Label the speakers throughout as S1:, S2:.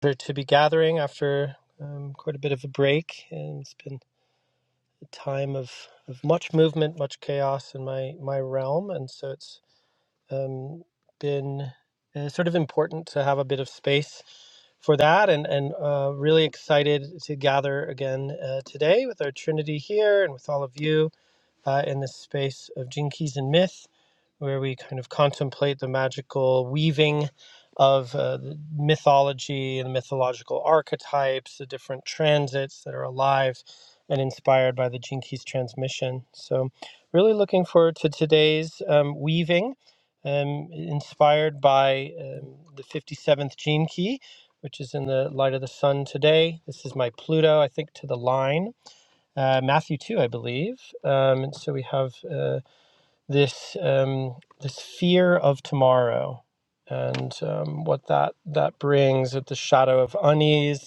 S1: Pleasure to be gathering after um, quite a bit of a break, and it's been a time of, of much movement, much chaos in my my realm, and so it's um, been uh, sort of important to have a bit of space for that, and and uh, really excited to gather again uh, today with our Trinity here and with all of you uh, in the space of Gene Keys and Myth, where we kind of contemplate the magical weaving of uh, the mythology and the mythological archetypes, the different transits that are alive and inspired by the Gene Keys transmission. So, really looking forward to today's um, weaving, um, inspired by um, the 57th Gene Key. Which is in the light of the sun today. This is my Pluto, I think, to the line uh, Matthew 2, I believe. Um, and so we have uh, this, um, this fear of tomorrow and um, what that, that brings with the shadow of unease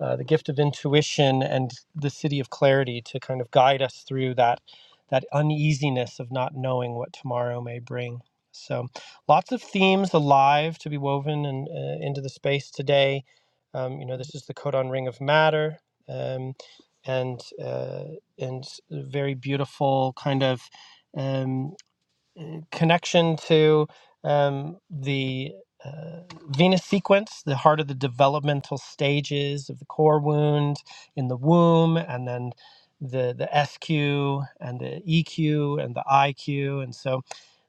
S1: uh, the gift of intuition and the city of clarity to kind of guide us through that that uneasiness of not knowing what tomorrow may bring. So, lots of themes alive to be woven and uh, into the space today. Um, you know, this is the codon ring of matter, um, and uh, and very beautiful kind of. um, connection to um, the uh, venous sequence, the heart of the developmental stages of the core wound in the womb, and then the the SQ and the EQ and the IQ, and so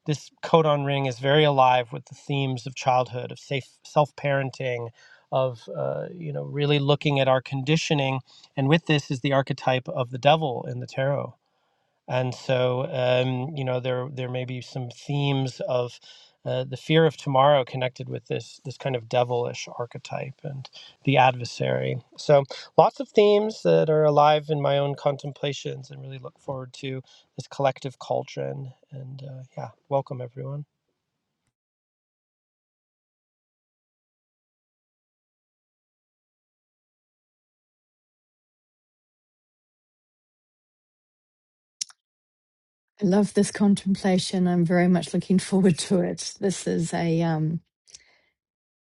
S1: this codon ring is very alive with the themes of childhood, of safe self-parenting, of uh, you know really looking at our conditioning, and with this is the archetype of the devil in the tarot and so, um, you know, there there may be some themes of uh, the fear of tomorrow connected with this this kind of devilish archetype and the adversary. So, lots of themes that are alive in my own contemplations, and really look forward to this collective cauldron. And uh, yeah, welcome everyone.
S2: I love this contemplation. I'm very much looking forward to it. This is a um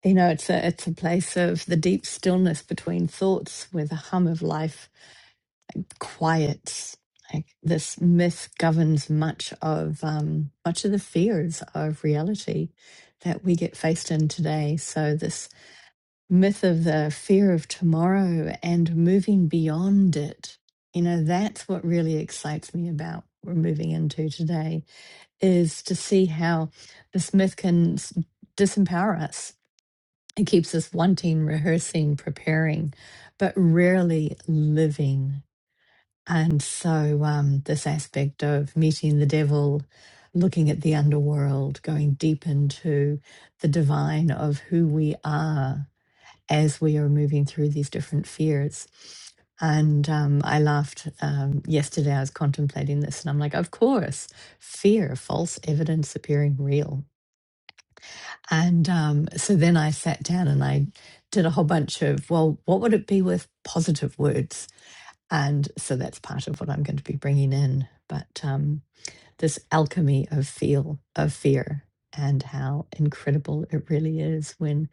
S2: you know, it's a it's a place of the deep stillness between thoughts where the hum of life quiets. Like this myth governs much of um much of the fears of reality that we get faced in today. So this myth of the fear of tomorrow and moving beyond it, you know, that's what really excites me about what we're moving into today is to see how this myth can s- disempower us. It keeps us wanting, rehearsing, preparing, but rarely living. And so, um, this aspect of meeting the devil, looking at the underworld, going deep into the divine of who we are as we are moving through these different fears. And um, I laughed um, yesterday. I was contemplating this, and I'm like, of course, fear, false evidence appearing real. And um, so then I sat down and I did a whole bunch of, well, what would it be with positive words? And so that's part of what I'm going to be bringing in. But um, this alchemy of feel of fear and how incredible it really is when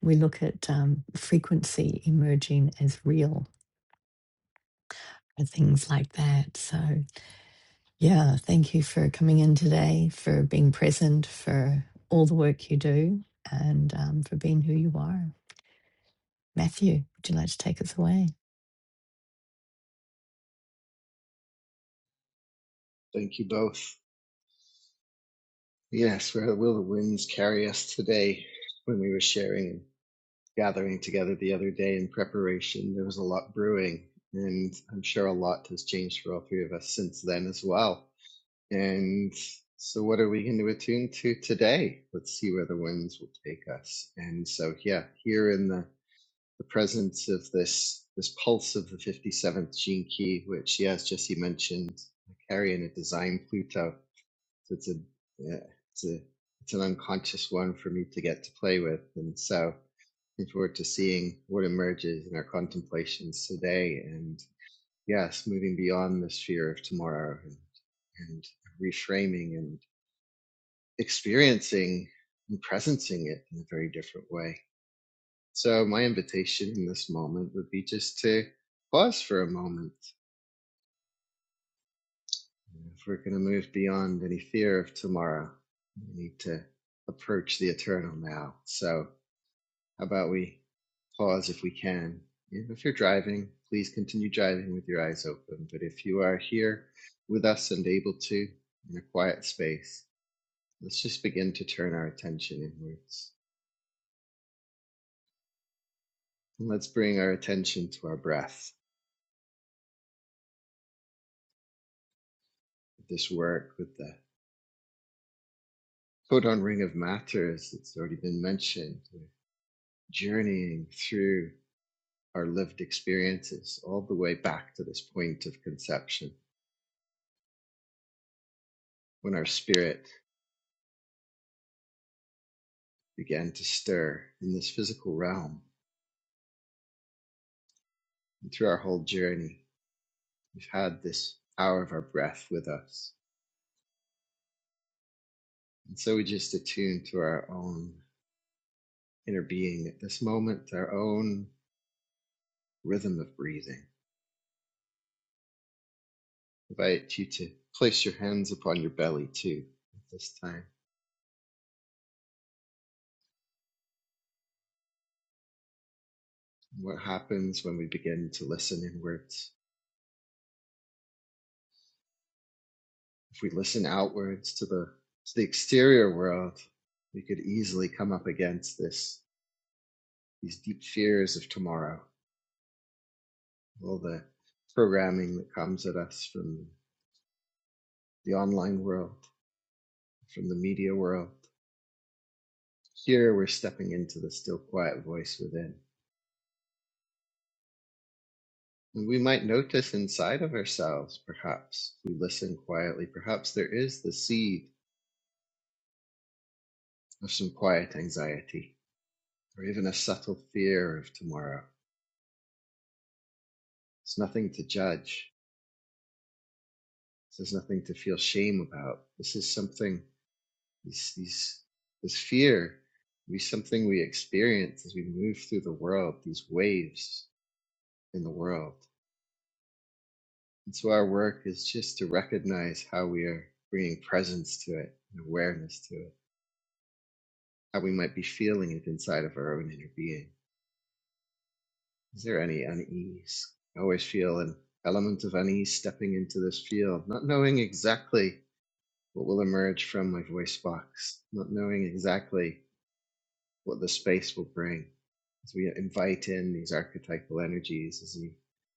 S2: we look at um, frequency emerging as real and things like that so yeah thank you for coming in today for being present for all the work you do and um, for being who you are matthew would you like to take us away
S3: Thank you both. Yes, where will the winds carry us today? When we were sharing and gathering together the other day in preparation, there was a lot brewing, and I'm sure a lot has changed for all three of us since then as well. And so, what are we going to attune to today? Let's see where the winds will take us. And so, yeah, here in the, the presence of this this pulse of the 57th gene key, which, yeah, as Jesse mentioned, carrying a design Pluto. So it's a yeah, it's a it's an unconscious one for me to get to play with, and so I look forward to seeing what emerges in our contemplations today, and yes, moving beyond the sphere of tomorrow and, and reframing and experiencing and presencing it in a very different way. So my invitation in this moment would be just to pause for a moment If we're going to move beyond any fear of tomorrow, we need to approach the eternal now. So, how about we pause if we can? If you're driving, please continue driving with your eyes open. But if you are here with us and able to in a quiet space, let's just begin to turn our attention inwards. And let's bring our attention to our breath. This work with the codon ring of matter, as it's already been mentioned, we're journeying through our lived experiences all the way back to this point of conception when our spirit began to stir in this physical realm. And through our whole journey, we've had this hour of our breath with us. And so we just attune to our own inner being at this moment, our own rhythm of breathing. I invite you to place your hands upon your belly too at this time. And What happens when we begin to listen inwards? If we listen outwards to the to the exterior world, we could easily come up against this these deep fears of tomorrow, all the programming that comes at us from the online world, from the media world. Here we're stepping into the still quiet voice within. And we might notice inside of ourselves, perhaps, we listen quietly, perhaps there is the seed of some quiet anxiety or even a subtle fear of tomorrow. It's nothing to judge, This is nothing to feel shame about. This is something, these, these, this fear, will be something we experience as we move through the world, these waves in the world. And so our work is just to recognize how we are bringing presence to it and awareness to it, how we might be feeling it inside of our own inner being. Is there any unease? I always feel an element of unease stepping into this field, not knowing exactly what will emerge from my voice box, not knowing exactly what the space will bring as we invite in these archetypal energies, as we,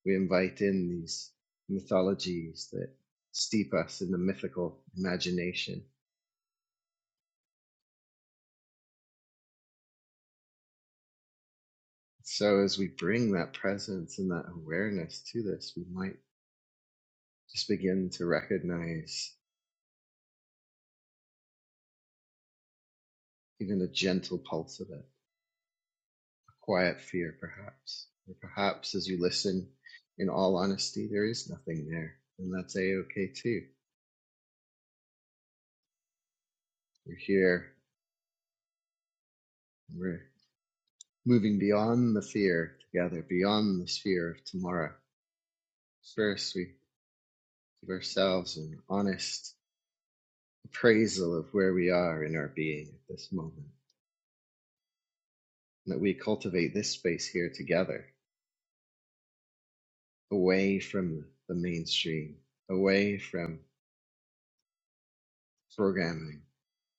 S3: we invite in these mythologies that steep us in the mythical imagination. So, as we bring that presence and that awareness to this, we might just begin to recognize even a gentle pulse of it, a quiet fear, perhaps. Or perhaps as you listen, in all honesty, there is nothing there. And that's A OK too. We're here, We're moving beyond the fear together, beyond the fear of tomorrow. First, we give ourselves an honest appraisal of where we are in our being at this moment, and that we cultivate this space here together, away from the mainstream, away from programming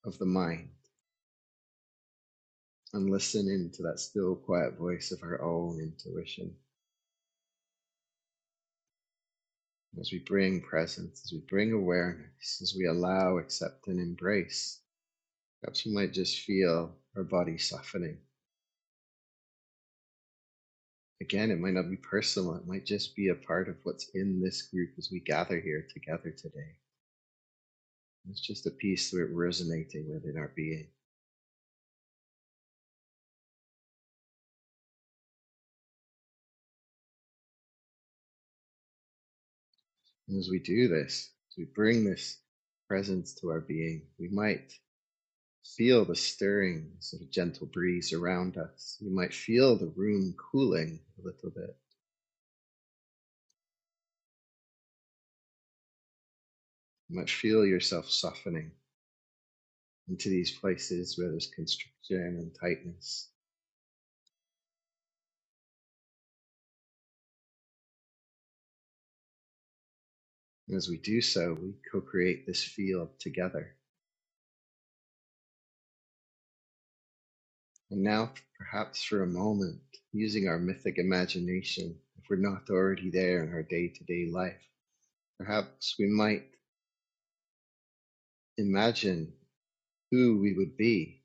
S3: of the mind, and listen into that still, quiet voice of our own intuition. As we bring presence, as we bring awareness, as we allow, accept, and embrace Perhaps you might just feel her body softening. Again, it might not be personal, it might just be a part of what's in this group as we gather here together today. It's just a piece that we're resonating within our being. And as we do this, as we bring this presence to our being, we might feel the stirring sort of gentle breeze around us. You might feel the room cooling a little bit. You might feel yourself softening into these places where there's constriction and tightness And as we do so, we co create this field together. And now, perhaps for a moment, using our mythic imagination, if we're not already there in our day to day life, perhaps we might imagine who we would be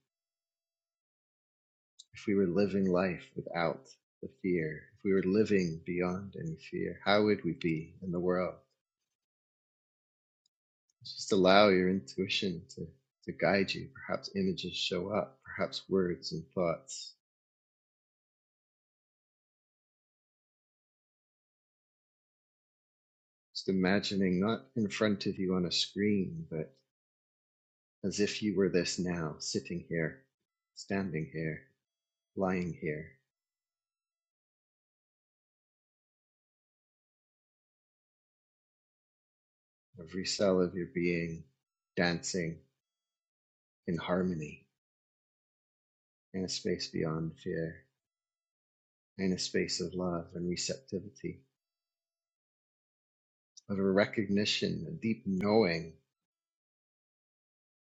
S3: if we were living life without the fear, if we were living beyond any fear. How would we be in the world? Just allow your intuition to, to guide you. Perhaps images show up, perhaps words and thoughts Just imagining, not in front of you on a screen, but as if you were this now, sitting here, standing here, lying here, every cell of your being dancing in harmony in a space beyond fear, in a space of love and receptivity, of a recognition, a deep knowing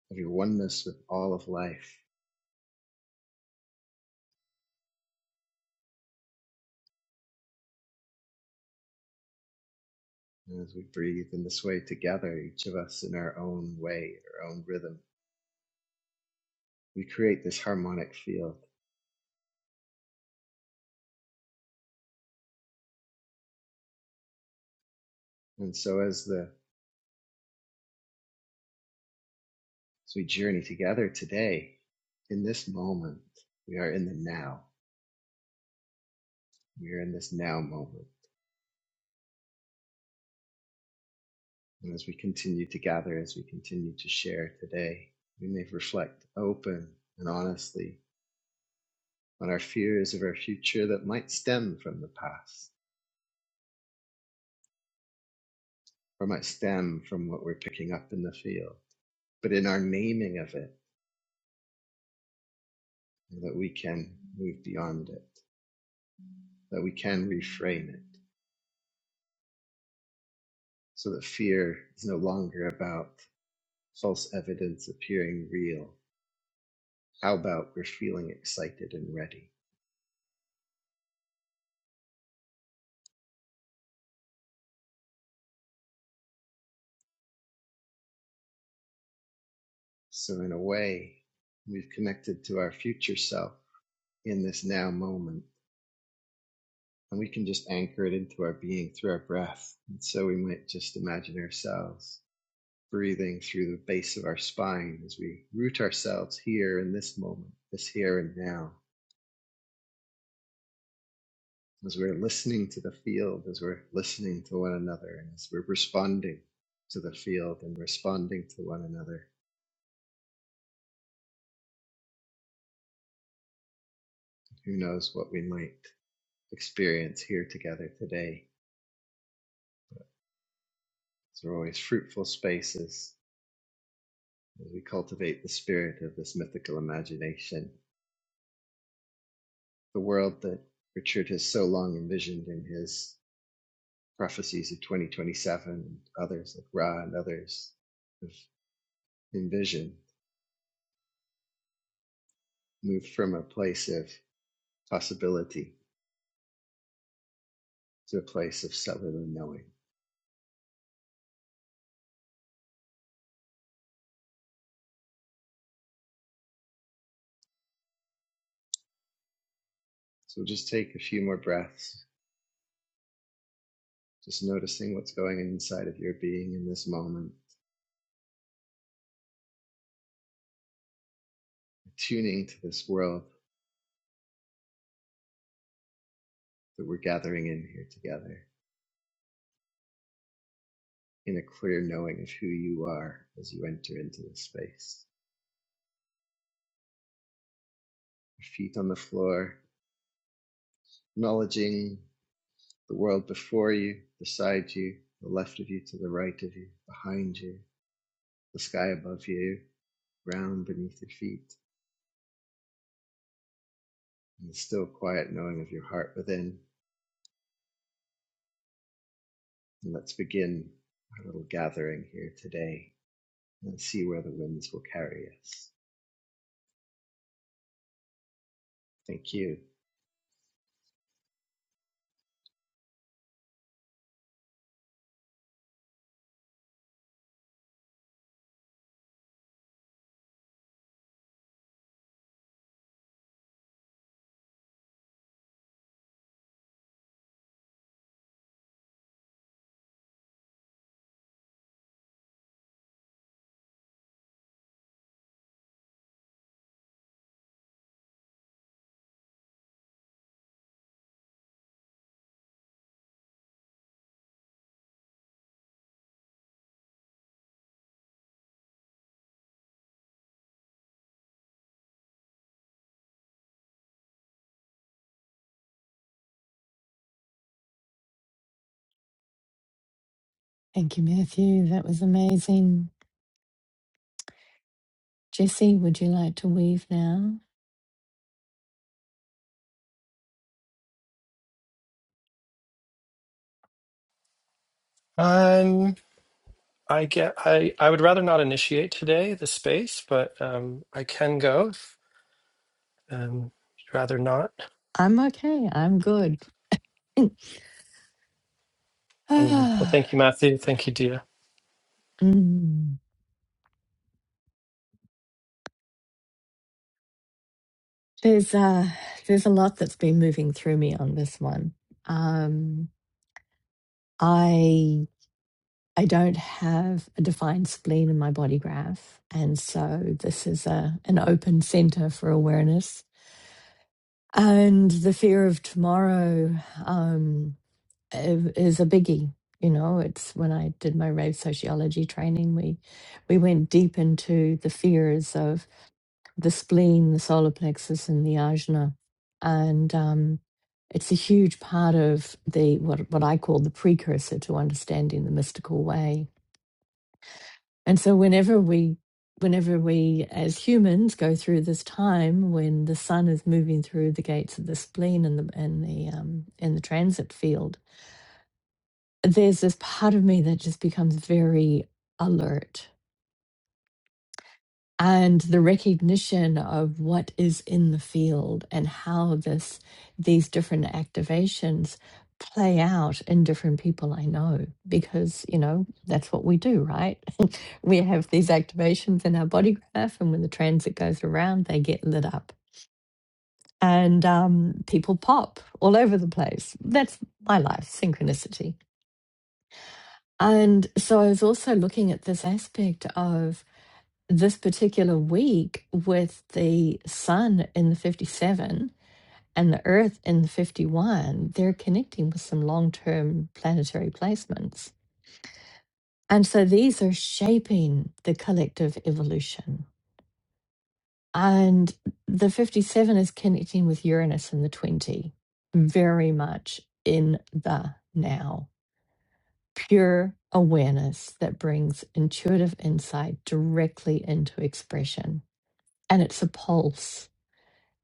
S3: of your oneness with all of life. And as we breathe in this way together, each of us in our own way, our own rhythm, we create this harmonic field. And so as the As we journey together today, in this moment, we are in the now. We are in this now moment. And as we continue to gather, as we continue to share today, we may reflect open and honestly on our fears of our future that might stem from the past or might stem from what we're picking up in the field. But in our naming of it, that we can move beyond it, that we can reframe it so that fear is no longer about false evidence appearing real, How about we're feeling excited and ready? So, in a way, we've connected to our future self in this now moment, and we can just anchor it into our being through our breath. And so, we might just imagine ourselves breathing through the base of our spine as we root ourselves here in this moment, this here and now, as we're listening to the field, as we're listening to one another, and as we're responding to the field and responding to one another. Who knows what we might experience here together today. These are always fruitful spaces as we cultivate the spirit of this mythical imagination, the world that Richard has so long envisioned in his prophecies of 2027 and others like Ra and others have envisioned, moved from a place of possibility to a place of cellular knowing. So we'll just take a few more breaths, just noticing what's going on inside of your being in this moment, attuning to this world that we're gathering in here together in a clear knowing of who you are as you enter into this space. Your feet on the floor, acknowledging the world before you, beside you, the left of you, to the right of you, behind you, the sky above you, ground beneath your feet, and the still quiet knowing of your heart within. And let's begin our little gathering here today and see where the winds will carry us. Thank you.
S2: thank you matthew that was amazing jesse would you like to weave now
S1: Um, I get. I I would rather not initiate today the space, but um, I can go. If, um, you'd rather not.
S2: i'm okay i'm good
S1: Mm. Well,
S2: Ah.
S1: thank you, Matthew. Thank you, Dia.
S2: Mm. There's uh there's a lot that's been moving through me on this one. Um I I don't have a defined spleen in my body graph, and so this is a an open center for awareness. And the fear of tomorrow um i- is a biggie. You know, it's when I did my rave sociology training, we we went deep into the fears of the spleen, the solar plexus, and the ajna. And um, it's a huge part of the what what I call the precursor to understanding the mystical way. And so whenever we whenever we as humans go through this time when the sun is moving through the gates of the spleen and the and the um in the transit field, there's this part of me that just becomes very alert and the recognition of what is in the field and how this these different activations play out in different people I know because you know that's what we do right we have these activations in our body graph and when the transit goes around they get lit up and um, people pop all over the place that's my life synchronicity and so I was also looking at this aspect of this particular week with the sun in the 57 and the earth in the 51 they're connecting with some long-term planetary placements and so these are shaping the collective evolution and the 57 is connecting with uranus in the 20 very much in the now pure awareness that brings intuitive insight directly into expression and it's a pulse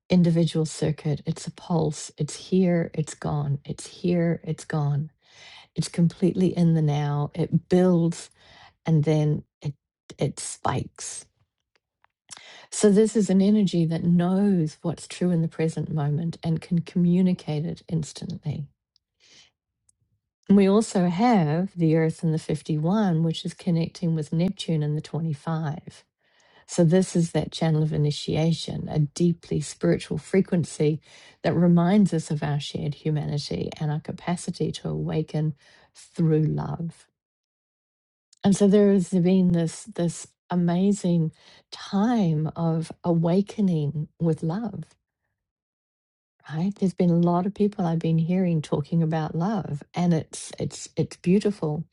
S2: individual circuit. It's a pulse. It's here, it's gone. It's here, it's gone. It's completely in the now. It builds and then it it spikes. So this is an energy that knows what's true in the present moment and can communicate it instantly. And We also have the Earth in the 51, which is connecting with Neptune in the 25. So, this is that channel of initiation, a deeply spiritual frequency that reminds us of our shared humanity and our capacity to awaken through love. And so, there has been this, this amazing time of awakening with love. Right? There's been a lot of people I've been hearing talking about love, and it's it's it's beautiful.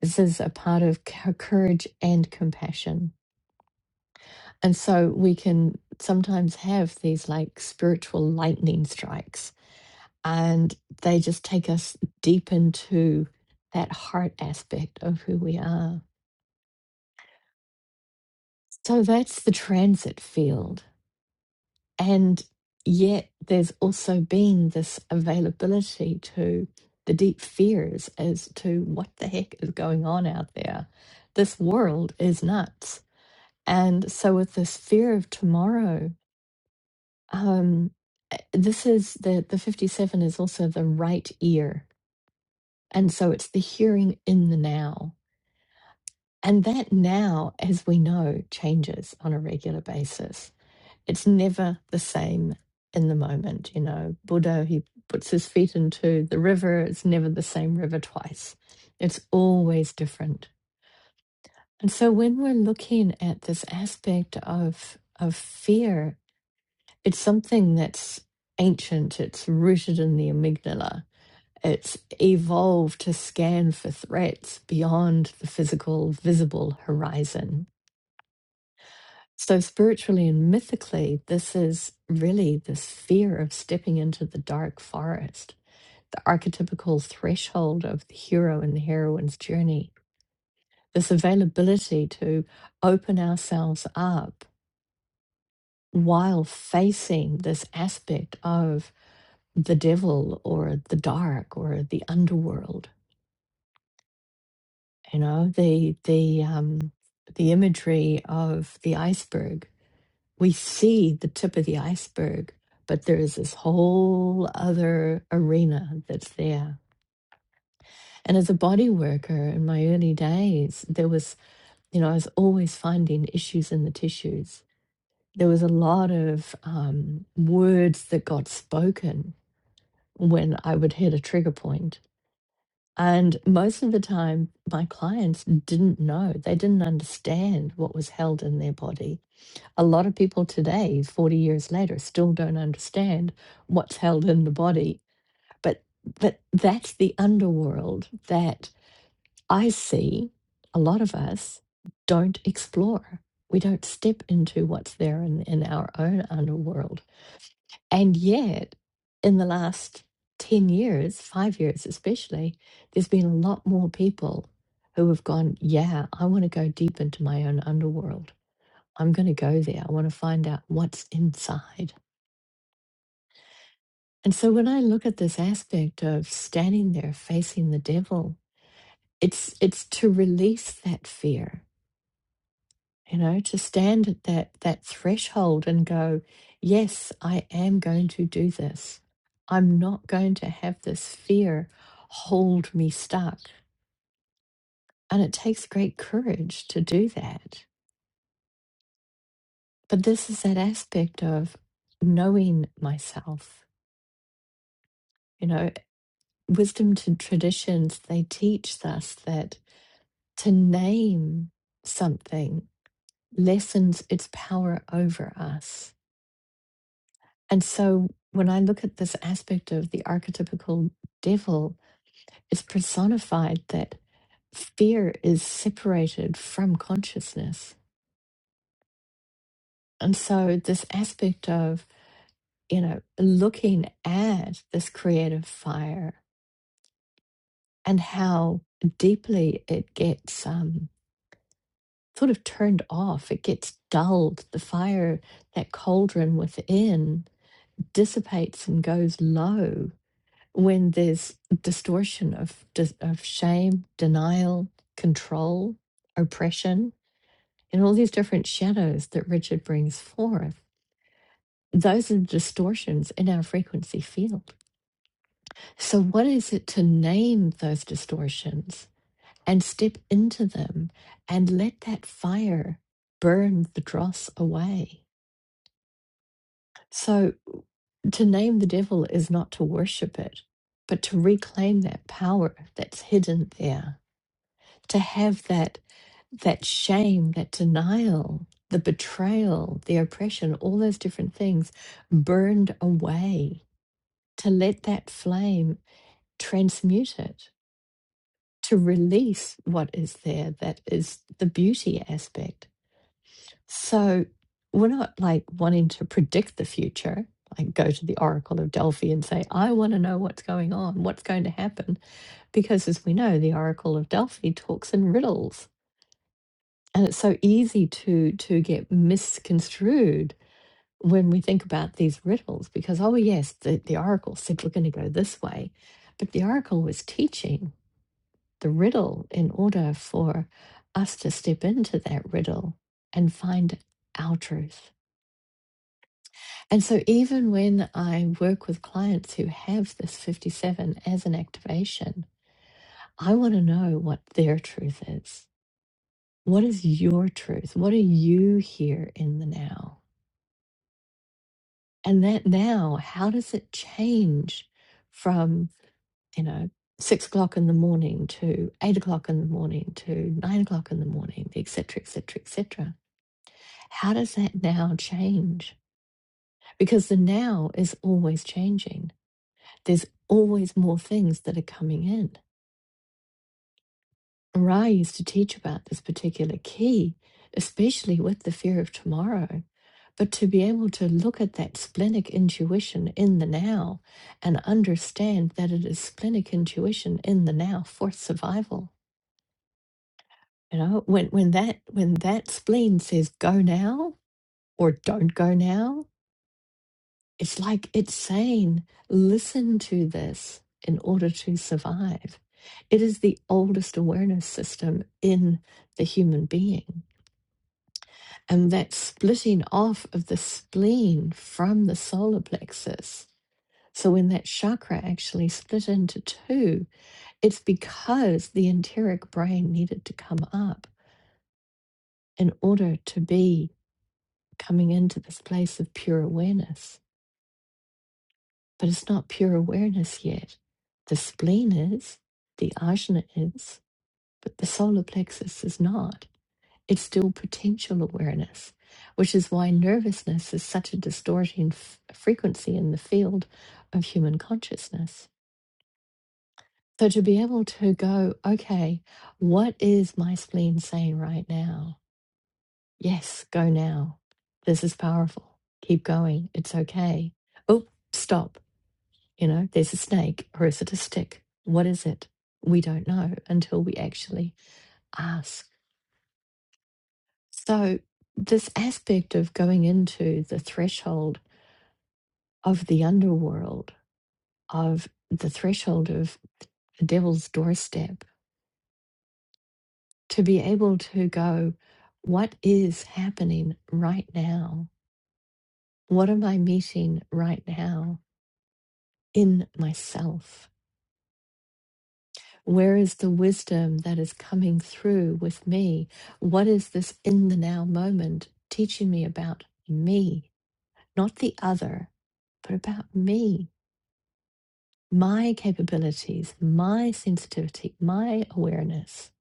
S2: This is a part of cou- courage and compassion And so we can sometimes have these like spiritual lightning strikes, and they just take us deep into that heart aspect of who we are. So that's the transit field. And yet there's also been this availability to the deep fears as to what the heck is going on out there. This world is nuts. And so, with this fear of tomorrow, um uh, this is the the 57 is also the right ear and so it's the hearing in the now and that now as we know changes on a regular basis it's never the same in the moment you know buddha he puts his feet into the river it's never the same river twice it's always different and so when we're looking at this aspect of of fear it's something that's ancient, it's rooted in the amygdala. It's evolved to scan for threats beyond the physical, visible horizon. So, spiritually and mythically, this is really this fear of stepping into the dark forest, the archetypical threshold of the hero and the heroine's journey. This availability to open ourselves up while facing this aspect of the devil or the dark or the underworld you know the the um the imagery of the iceberg we see the tip of the iceberg but there is this whole other arena that's there and as a body worker in my early days there was you know i was always finding issues in the tissues there was a lot of um, words that got spoken when i would hit a trigger point And most of the time, my clients didn't know, they didn't understand what was held in their body. A lot of people today, 40 years later, still don't understand what's held in the body. But, but that's the underworld that I see a lot of us don't explore. We don't step into what's there in, in our own underworld and yet, in the last 10 years, five years especially, there's been a lot more people who have gone, Yeah, I want to go deep into my own underworld. I'm going to go there. I want to find out what's inside. And so when I look at this aspect of standing there facing the devil, it's it's to release that fear you know to stand at that that threshold and go yes i am going to do this i'm not going to have this fear hold me stuck and it takes great courage to do that but this is that aspect of knowing myself you know wisdom to traditions they teach us that to name something lessens its power over us And so when I look at this aspect of the archetypical devil, it's personified that fear is separated from consciousness. And so this aspect of, you know, looking at this creative fire and how deeply it gets um, sort of turned off, it gets dulled. The fire, that cauldron within, dissipates and goes low when there's distortion of dis- of shame, denial, control, oppression, and all these different shadows that Richard brings forth. Those are distortions in our frequency field. So, what is it to name those distortions and step into them and let that fire burn the dross away? So, to name the devil is not to worship it, but to reclaim that power that's hidden there to have that that shame that denial the betrayal the oppression all those different things burned away to let that flame transmute it to release what is there that is the beauty aspect so we're not like wanting to predict the future like go to the oracle of delphi and say i want to know what's going on what's going to happen because as we know the oracle of delphi talks in riddles and it's so easy to to get misconstrued when we think about these riddles because oh yes the, the oracle said we're going to go this way but the oracle was teaching the riddle in order for us to step into that riddle and find our truth and so even when i work with clients who have this 57 as an activation i want to know what their truth is what is your truth what are you here in the now And that now, how does it change from, you know, six o'clock in the morning to eight o'clock in the morning to nine o'clock in the morning, et cetera, et cetera, et cetera? How does that now change? Because the now is always changing. There's always more things that are coming in. Ra used to teach about this particular key, especially with the fear of tomorrow. But to be able to look at that splenic intuition in the now and understand that it is splenic intuition in the now for survival. You know, when when that when that spleen says go now or don't go now, it's like it's saying, listen to this in order to survive. It is the oldest awareness system in the human being and that splitting off of the spleen from the solar plexus. So, when that chakra actually split into two, it's because the enteric brain needed to come up in order to be coming into this place of pure awareness. But it's not pure awareness yet. The spleen is, the ajna is, but the solar plexus is not. It's still potential awareness, which is why nervousness is such a distorting f- frequency in the field of human consciousness. So to be able to go, okay, what is my spleen saying right now? Yes, go now. This is powerful. Keep going. It's okay. Oh, stop. You know, there's a snake or is it a stick? What is it? We don't know until we actually ask So, this aspect of going into the threshold of the underworld, of the threshold of the devil's doorstep, to be able to go, what is happening right now? What am I meeting right now in myself? Where is the wisdom that is coming through with me? What is this in the now moment teaching me about me? Not the other, but about me my capabilities, my sensitivity, my awareness.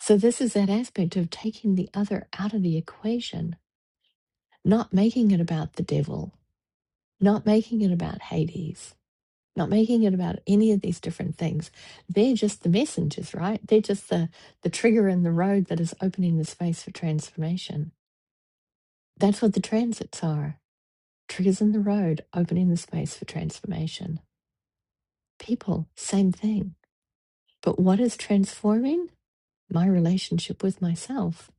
S2: So, this is that aspect of taking the other out of the equation, not making it about the devil, not making it about Hades, not making it about any of these different things. They're just the messengers, right? They're just the, the trigger in the road that is opening the space for transformation. That's what the transits are triggers in the road, opening the space for transformation. People, same thing. But what is transforming? my relationship with myself,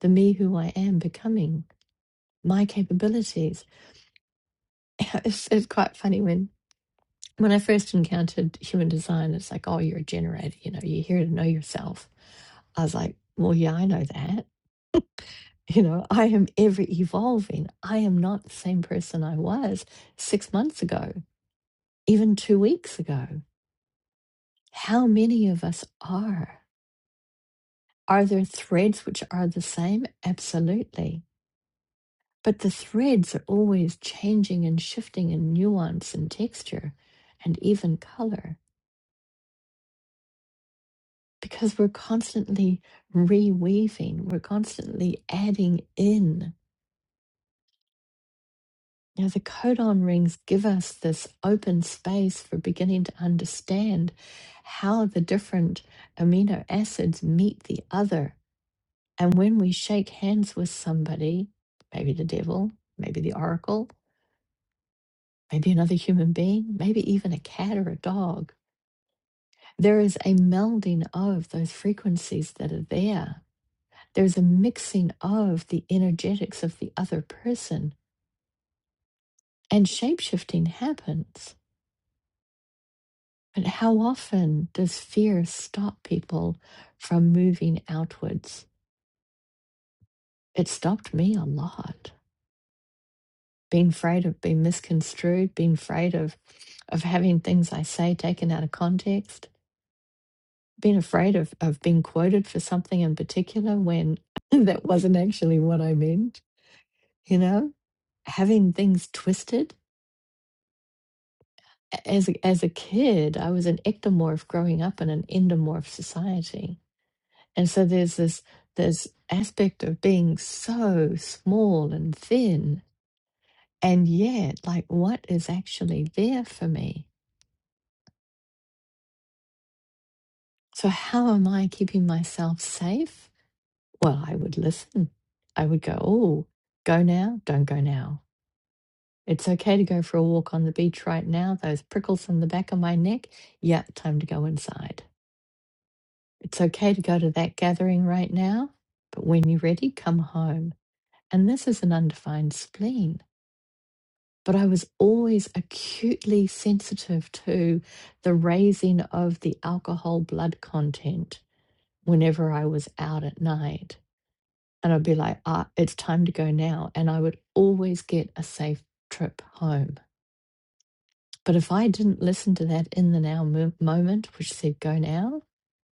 S2: the me who I am becoming, my capabilities. It's, it's quite funny when when I first encountered human design, it's like, oh, you're a generator, you know, you're here to know yourself. I was like, well, yeah, I know that. You know, I am ever evolving. I am not the same person I was six months ago, even two weeks ago. How many of us are? Are there threads which are the same? Absolutely But the threads are always changing and shifting in nuance and texture and even color because we're constantly reweaving, we're constantly adding in. Now, the codon rings give us this open space for beginning to understand how the different amino acids meet the other. And when we shake hands with somebody, maybe the devil, maybe the oracle, maybe another human being, maybe even a cat or a dog, There is a melding of those frequencies that are there. There's a mixing of the energetics of the other person, and shapeshifting happens. But how often does fear stop people from moving outwards? It stopped me a lot. Being afraid of being misconstrued, being afraid of, of having things I say taken out of context, being afraid of, of being quoted for something in particular when that wasn't actually what I meant, you know? having things twisted. As a, as a kid, I was an ectomorph growing up in an endomorph society, and so there's this this aspect of being so small and thin, and yet, like, what is actually there for me? So how am I keeping myself safe? Well, I would listen. I would go, oh, go now, don't go now. It's okay to go for a walk on the beach right now. Those prickles in the back of my neck, yeah, time to go inside It's okay to go to that gathering right now, but when you're ready, come home. And this is an undefined spleen. But I was always acutely sensitive to the raising of the alcohol blood content whenever I was out at night. And I'd be like, ah, it's time to go now. And I would always get a safe trip home. But if I didn't listen to that in the now mo- moment, which said go now,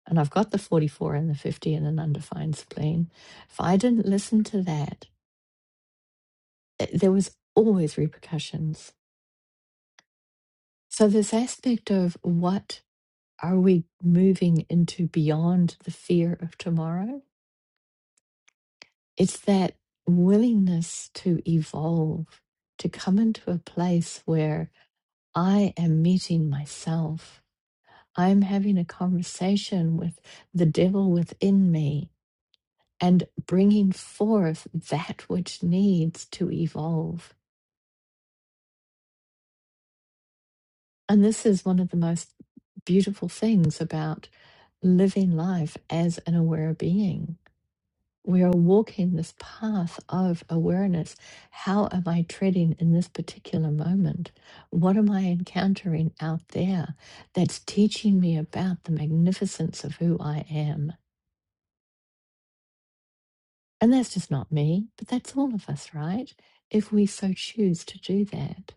S2: and I've got the 44 and the 50 in an undefined spleen. If I didn't listen to that, eh, there was always repercussions. So this aspect of what are we moving into beyond the fear of tomorrow? It's that willingness to evolve, to come into a place where I am meeting myself. I'm having a conversation with the devil within me and bringing forth that which needs to evolve. And this is one of the most beautiful things about living life as an aware being. We are walking this path of awareness. How am I treading in this particular moment? What am I encountering out there that's teaching me about the magnificence of who I am? And that's just not me, but that's all of us, right? If we so choose to do that.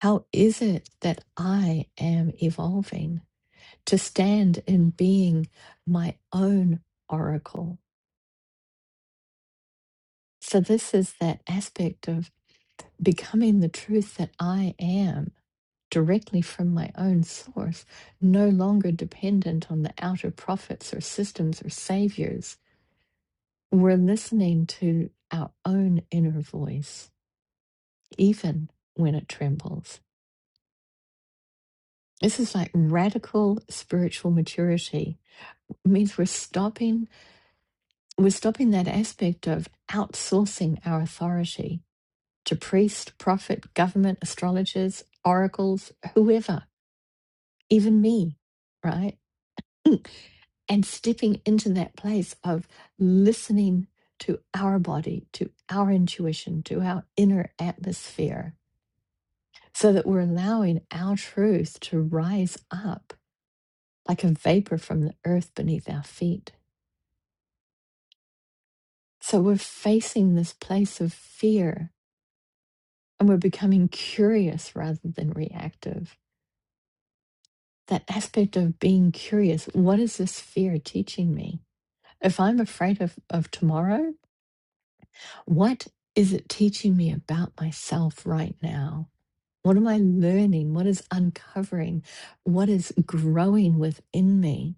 S2: How is it that I am evolving to stand in being my own oracle? So, this is that aspect of becoming the truth that I am directly from my own source, no longer dependent on the outer prophets or systems or saviors. We're listening to our own inner voice, even when it trembles. This is like radical spiritual maturity It means we're stopping we're stopping that aspect of outsourcing our authority to priest, prophet, government, astrologers, oracles, whoever, even me, right? Mm. And stepping into that place of listening to our body, to our intuition, to our inner atmosphere, so that we're allowing our truth to rise up like a vapor from the earth beneath our feet. So we're facing this place of fear and we're becoming curious rather than reactive. That aspect of being curious what is this fear teaching me? If I'm afraid of, of tomorrow, what is it teaching me about myself right now? What am I learning? What is uncovering? What is growing within me?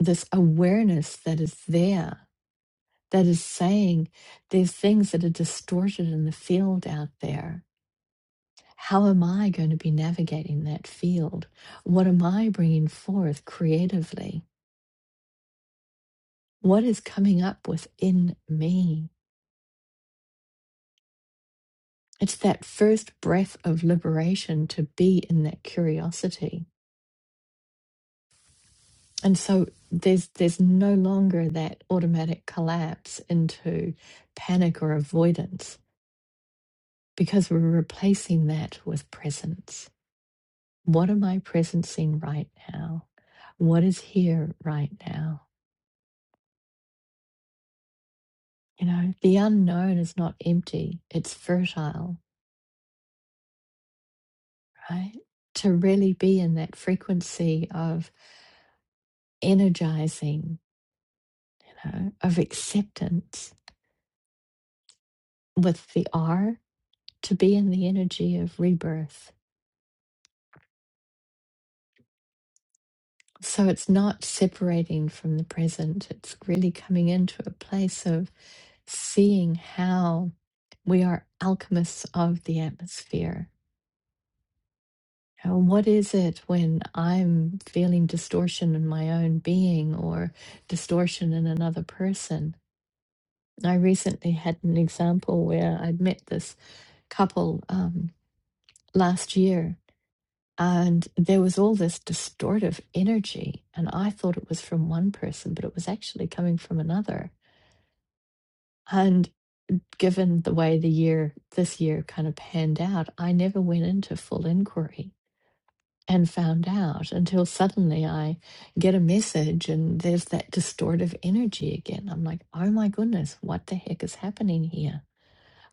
S2: This awareness that is there, that is saying there's things that are distorted in the field out there How am I going to be navigating that field? What am I bringing forth creatively? What is coming up within me? It's that first breath of liberation to be in that curiosity. And so there's there's no longer that automatic collapse into panic or avoidance because we're replacing that with presence. What am I presencing right now? What is here right now? You know, the unknown is not empty, it's fertile, right? To really be in that frequency of energizing, you know, of acceptance with the R, to be in the energy of rebirth. So it's not separating from the present, it's really coming into a place of seeing how we are alchemists of the atmosphere And what is it when I'm feeling distortion in my own being or distortion in another person? I recently had an example where I'd met this couple um, last year, and there was all this distortive energy. And I thought it was from one person, but it was actually coming from another. And given the way the year, this year kind of panned out, I never went into full inquiry and found out until suddenly I get a message and there's that distortive energy again. I'm like, oh my goodness, what the heck is happening here?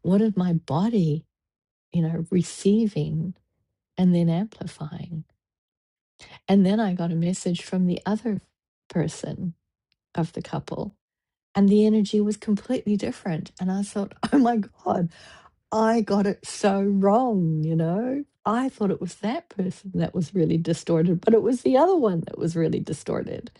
S2: What is my body, you know, receiving and then amplifying? And then I got a message from the other person of the couple. And the energy was completely different. And I thought, oh my God, I got it so wrong, you know? I thought it was that person that was really distorted, but it was the other one that was really distorted.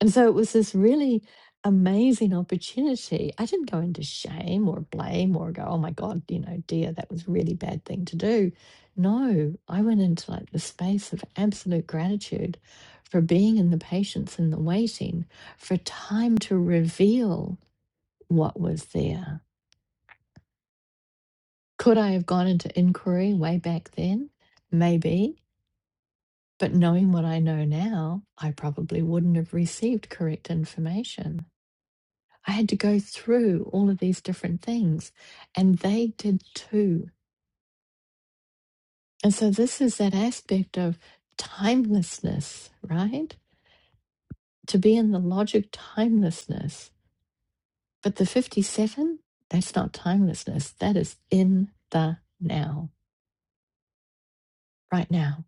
S2: And so it was this really amazing opportunity. I didn't go into shame or blame or go, oh my God, you know, dear, that was a really bad thing to do. No, I went into like the space of absolute gratitude for being in the patience and the waiting for time to reveal what was there Could I have gone into inquiry way back then? Maybe. But knowing what I know now, I probably wouldn't have received correct information. I had to go through all of these different things, and they did too. And so, this is that aspect of timelessness, right? To be in the logic timelessness. But the 57, that's not timelessness. That is in the now, right now.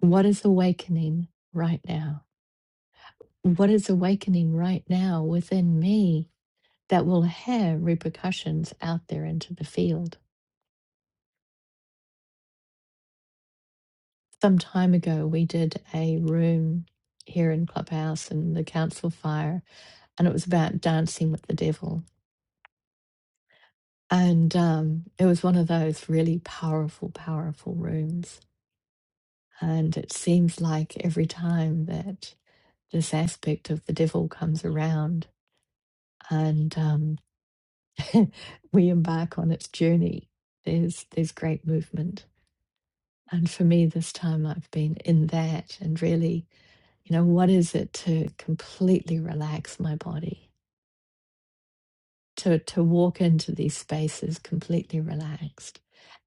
S2: What is awakening right now? what is awakening right now within me that will have repercussions out there into the field. Some time ago, we did a room here in Clubhouse and the council fire, and it was about dancing with the devil. And um, it was one of those really powerful, powerful rooms. And it seems like every time that this aspect of the devil comes around, and um, we embark on its journey, there's there's great movement. And for me this time I've been in that and really, you know, what is it to completely relax my body? To to walk into these spaces completely relaxed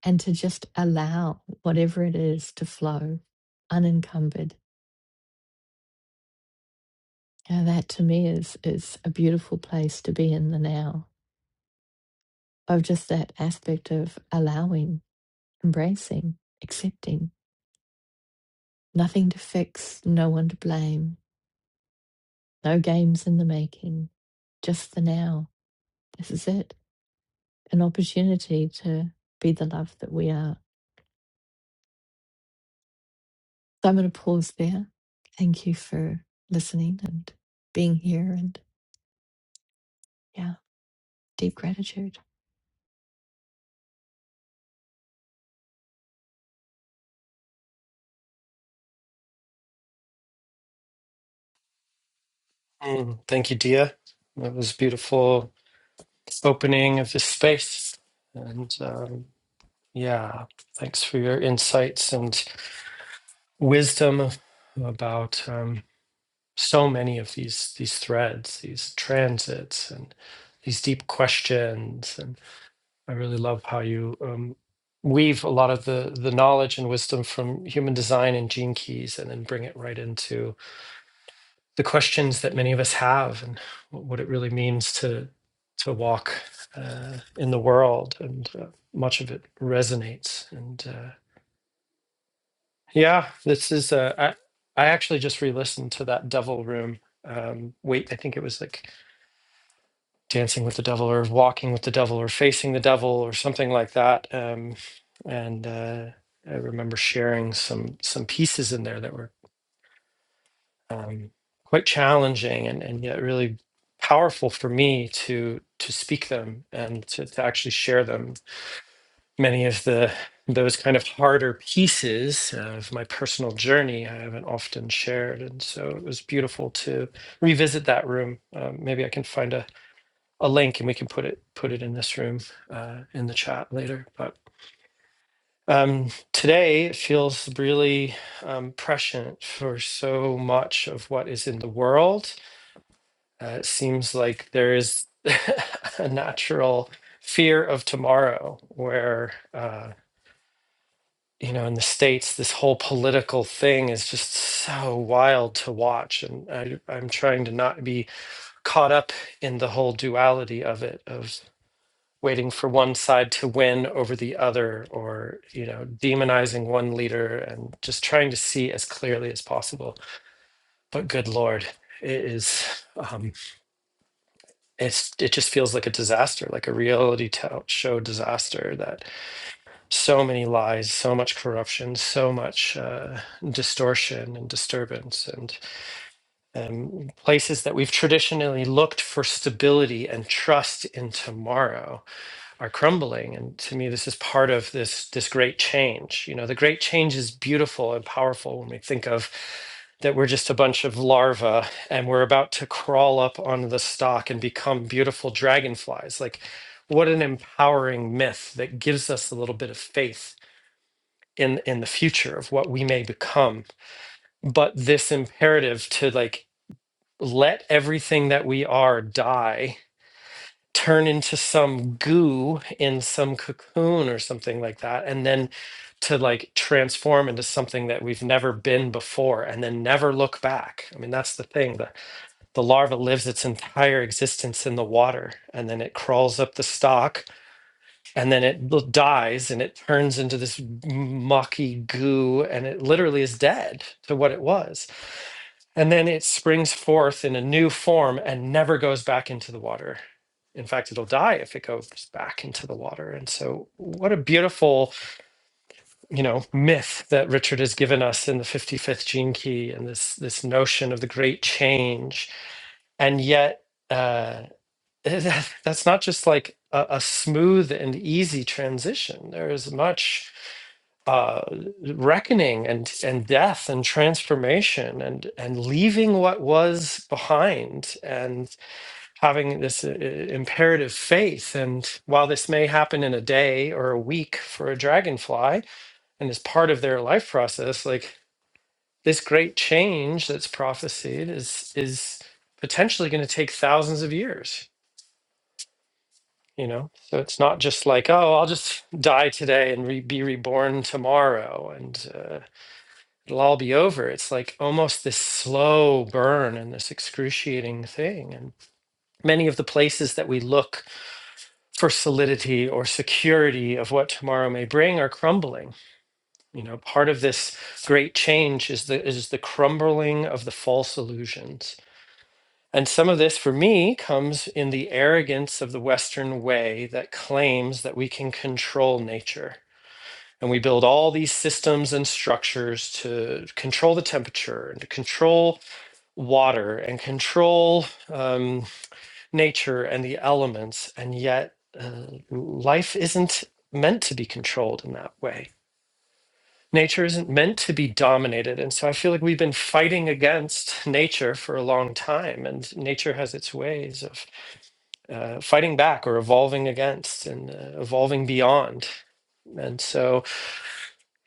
S2: and to just allow whatever it is to flow unencumbered. Now that to me is is a beautiful place to be in the now of just that aspect of allowing, embracing, accepting Nothing to fix, no one to blame, no games in the making, just the now. This is it, an opportunity to be the love that we are. So I'm going to pause there. Thank you for listening and being here, and yeah, deep gratitude.
S1: Mm, thank you, Dia. That was beautiful opening of this space. And um, yeah, thanks for your insights and wisdom about um, so many of these these threads, these transits, and these deep questions. And I really love how you um, weave a lot of the the knowledge and wisdom from human design and gene keys, and then bring it right into the questions that many of us have and what it really means to to walk uh, in the world and uh, much of it resonates and uh, yeah this is uh, I, I actually just re-listened to that devil room um, wait i think it was like dancing with the devil or walking with the devil or facing the devil or something like that um, and uh, i remember sharing some some pieces in there that were um, quite challenging and, and yet really powerful for me to to speak them and to, to actually share them. Many of the those kind of harder pieces of my personal journey I haven't often shared, and so it was beautiful to revisit that room. Um, maybe I can find a, a link and we can put it put it in this room uh, in the chat later. But um, today it feels really um, prescient for so much of what is in the world Uh, it seems like there is a natural fear of tomorrow where, uh, you know, in the States, this whole political thing is just so wild to watch. And I, I'm trying to not be caught up in the whole duality of it, of waiting for one side to win over the other or, you know, demonizing one leader and just trying to see as clearly as possible. But good Lord, it is. Um, it's it just feels like a disaster, like a reality to- show disaster. That so many lies, so much corruption, so much uh, distortion and disturbance, and um, places that we've traditionally looked for stability and trust in tomorrow are crumbling and to me this is part of this this great change you know the great change is beautiful and powerful when we think of that we're just a bunch of larvae and we're about to crawl up onto the stalk and become beautiful dragonflies like what an empowering myth that gives us a little bit of faith in in the future of what we may become but this imperative to like let everything that we are die turn into some goo in some cocoon or something like that and then to like transform into something that we've never been before and then never look back i mean that's the thing the, the larva lives its entire existence in the water and then it crawls up the stalk and then it l- dies and it turns into this mucky goo and it literally is dead to what it was and then it springs forth in a new form and never goes back into the water in fact it'll die if it goes back into the water and so what a beautiful you know myth that richard has given us in the 55th gene key and this this notion of the great change and yet uh, that's not just like a, a smooth and easy transition. There is much uh, reckoning and and death and transformation and and leaving what was behind and having this uh, imperative faith. And while this may happen in a day or a week for a dragonfly and is part of their life process, like this great change that's prophesied is is potentially going to take thousands of years you know so it's not just like oh i'll just die today and re- be reborn tomorrow and uh, it'll all be over it's like almost this slow burn and this excruciating thing and many of the places that we look for solidity or security of what tomorrow may bring are crumbling you know part of this great change is the is the crumbling of the false illusions and some of this for me comes in the arrogance of the Western way that claims that we can control nature. And we build all these systems and structures to control the temperature and to control water and control um, nature and the elements. And yet, uh, life isn't meant to be controlled in that way. Nature isn't meant to be dominated. And so I feel like we've been fighting against nature for a long time, and nature has its ways of uh, fighting back or evolving against and uh, evolving beyond. And so,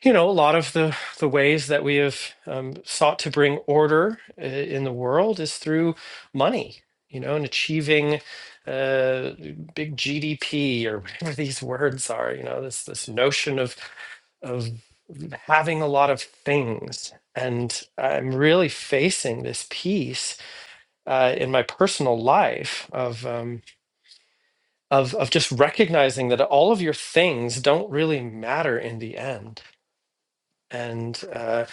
S1: you know, a lot of the, the ways that we have um, sought to bring order uh, in the world is through money, you know, and achieving uh, big GDP or whatever these words are, you know, this, this notion of, of having a lot of things. And I'm really facing this piece uh, in my personal life of, um, of of just recognizing that all of your things don't really matter in the end and uh,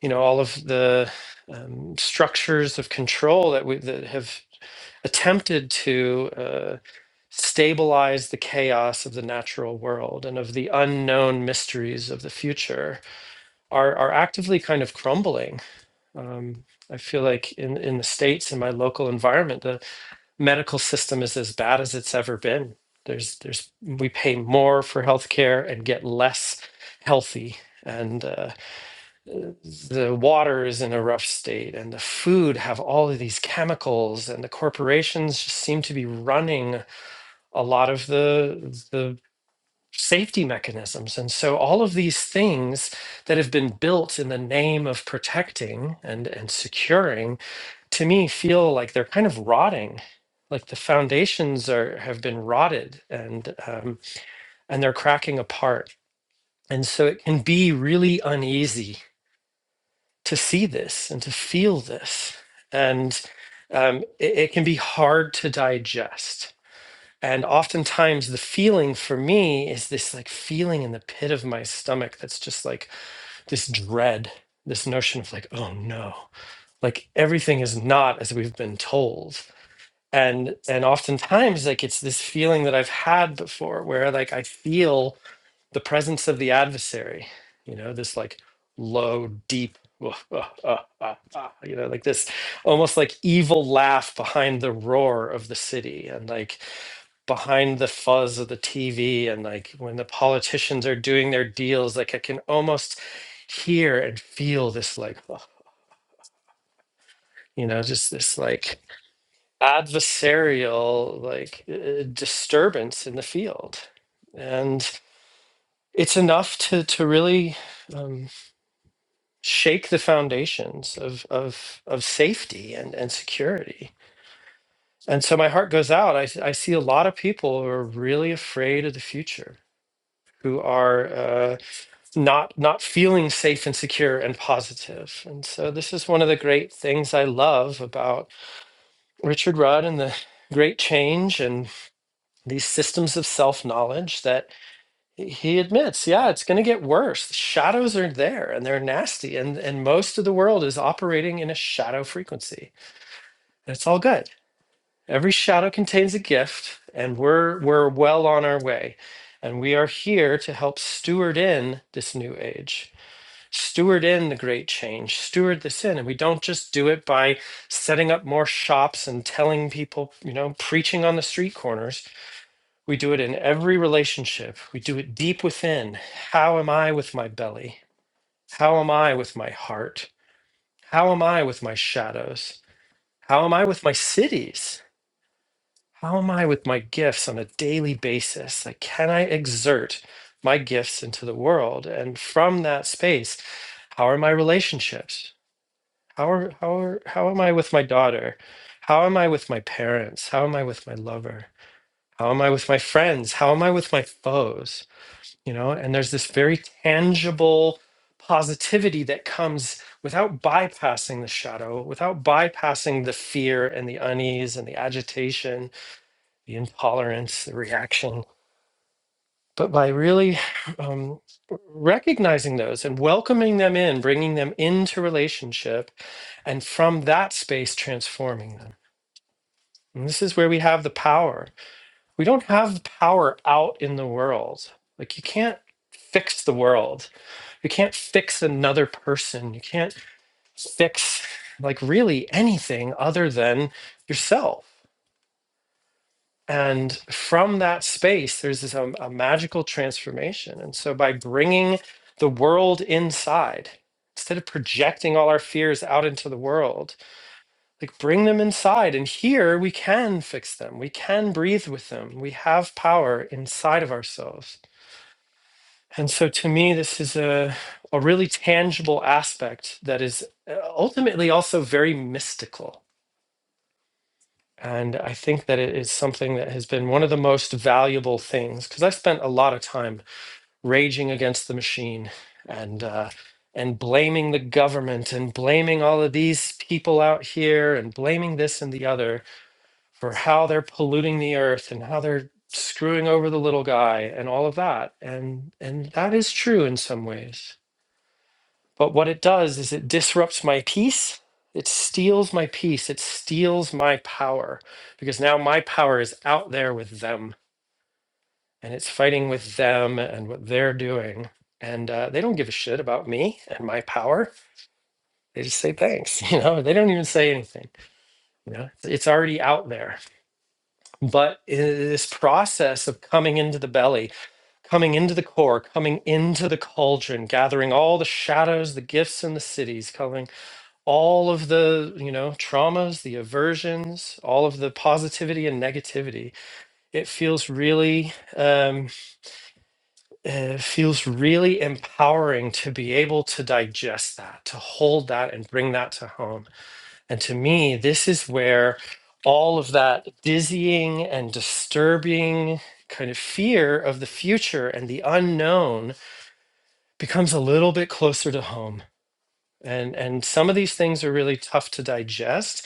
S1: you know all of the um, structures of control that we that have attempted to uh, stabilize the chaos of the natural world and of the unknown mysteries of the future are are actively kind of crumbling um, I feel like in in the states in my local environment the medical system is as bad as it's ever been. There's there's we pay more for healthcare and get less healthy, and uh, the water is in a rough state, and the food have all of these chemicals, and the corporations just seem to be running a lot of the the safety mechanisms and so all of these things that have been built in the name of protecting and and securing to me feel like they're kind of rotting like the foundations are have been rotted and um, and they're cracking apart and so it can be really uneasy to see this and to feel this and um, it, it can be hard to digest and oftentimes the feeling for me is this like feeling in the pit of my stomach that's just like this dread this notion of like oh no like everything is not as we've been told and and oftentimes like it's this feeling that i've had before where like i feel the presence of the adversary you know this like low deep "Woof, ah, ah, ah, ah," you know like this almost like evil laugh behind the roar of the city and like behind the fuzz of the tv and like when the politicians are doing their deals like i can almost hear and feel this like "Ugh," you know just this like adversarial like uh, disturbance in the field and it's enough to to really um, shake the foundations of of of safety and and security and so my heart goes out i, s- I see a lot of people who are really afraid of the future who are uh, not not feeling safe and secure and positive positive. and so this is one of the great things i love about richard rudd and the great change and. these systems of self knowledge that he admits, yeah, it's going to get worse. The Shadows are there and they're nasty. And, and most of the world is operating in a shadow frequency. And it's all good. Every shadow contains a gift, and we're, we're well on our way. And we are here to help steward in this new age, steward in the great change, steward this in. And we don't just do it by setting up more shops and telling people, you know, preaching on the street corners we do it in every relationship. We do it deep within. How am I with my belly? How am I with my heart? How am I with my shadows? How am I with my cities? How am I with my gifts on a daily basis? Like, can I exert my gifts into the world? And from that space, how are my relationships? How are, how are, how am I with my daughter? How am I with my parents? How am I with my lover? How am I with my friends? How am I with my foes? you know and there's this very tangible positivity that comes without bypassing the shadow without bypassing the fear and the unease and the agitation the intolerance the reaction but by really um, recognizing those and welcoming them in bringing them into relationship and from that space transforming them and this is where we have the power we don't have the power out in the world like you can't fix the world you can't fix another person you can't fix like really anything other than yourself and from that space there's this um, a magical transformation and so by bringing the world inside instead of projecting all our fears out into the world like bring them inside and here we can fix them we can breathe with them we have power inside of ourselves And so to me, this is a, a really tangible aspect that is uh, ultimately also very mystical. And I think that it is something that has been one of the most valuable things because I spent a lot of time raging against the machine and uh, and blaming the government and blaming all of these people out here and blaming this and the other for how they're polluting the earth and how they're screwing over the little guy and all of that. And and that is true in some ways But what it does is it disrupts my peace. It steals my peace. It steals my power because now my power is out there with them and it's fighting with them and what they're doing. And uh, they don't give a shit about me and my power. They just say thanks. You know, they don't even say anything. You know, it's it's already out there. But i- this process of coming into the belly, coming into the core, coming into the cauldron, gathering all the shadows, the gifts, and the cities, coming. all of the you know traumas the aversions all of the positivity and negativity it feels really um it feels really empowering to be able to digest that to hold that and bring that to home and to me this is where all of that dizzying and disturbing kind of fear of the future and the unknown becomes a little bit closer to home and and some of these things are really tough to digest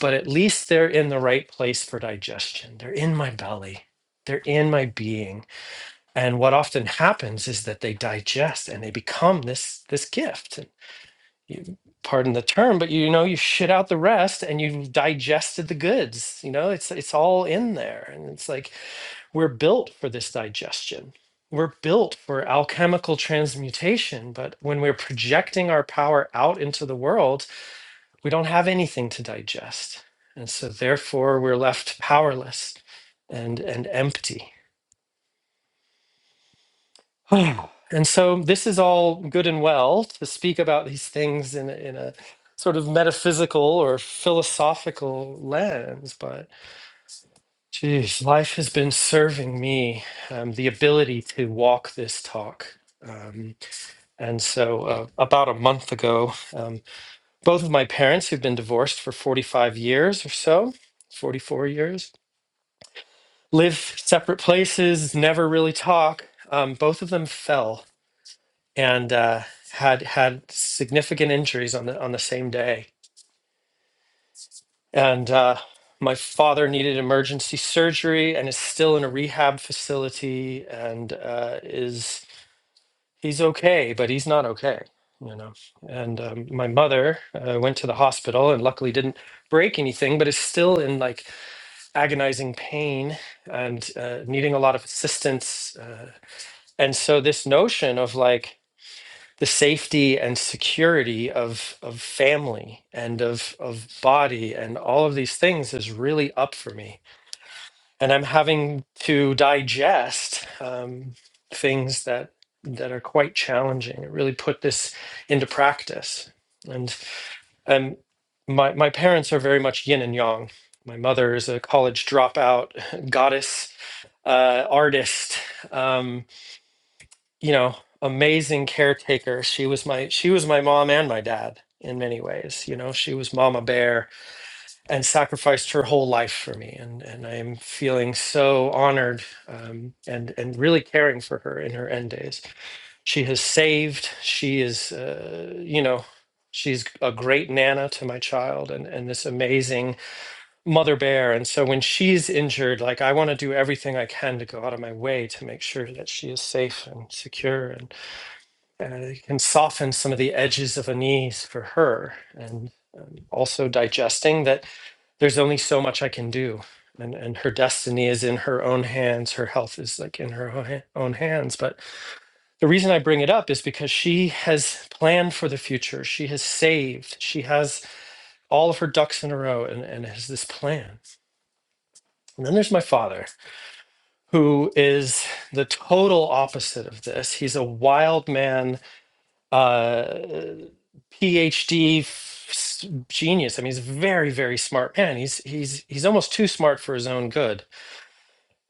S1: but at least they're in the right place for digestion they're in my belly they're in my being and what often happens is that they digest and they become this this gift and you pardon the term but you know you shit out the rest and you've digested the goods you know it's it's all in there and it's like we're built for this digestion we're built for alchemical transmutation but when we're projecting our power out into the world we don't have anything to digest. And so therefore we're left powerless and and empty. And so this is all good and well to speak about these things in a, in a sort of metaphysical or philosophical lens, but geez, life has been serving me um, the ability to walk this talk. Um, and so uh, about a month ago, um, both of my parents, who've been divorced for 45 years or so, 44 years, live separate places, never really talk. Um, both of them fell and uh, had had significant injuries on the on the same day. And uh, my father needed emergency surgery and is still in a rehab facility and uh, is he's okay, but he's not okay. You know, and um, my mother uh, went to the hospital and luckily didn't break anything, but is still in like agonizing pain and uh, needing a lot of assistance. Uh, And so this notion of like the safety and security of of family and of of body and all of these things is really up for me. And I'm having to digest um, things that that are quite challenging. It really put this into practice. And um, my my parents are very much yin and yang. My mother is a college dropout goddess uh, artist. Um, you know, amazing caretaker. She was my she was my mom and my dad in many ways. You know, she was Mama Bear and sacrificed her whole life for me. And and I am feeling so honored um, and and really caring for her in her end days. She has saved. She is, uh, you know. She's a great nana to my child and, and this amazing mother bear. And so when she's injured, like I want to do everything I can to go out of my way to make sure that she is safe and secure and uh, it can soften some of the edges of a knees for her and um, also digesting that there's only so much i can do and and her destiny is in her own hands her health is like in her own ha- own hands but the reason i bring it up is because she has planned for the future she has saved she has all of her ducks in a row and, and has this plan and then there's my father who is the total opposite of this he's a wild man uh, PhD f- s- genius. I mean, he's a very, very smart man. He's he's he's almost too smart for his own good,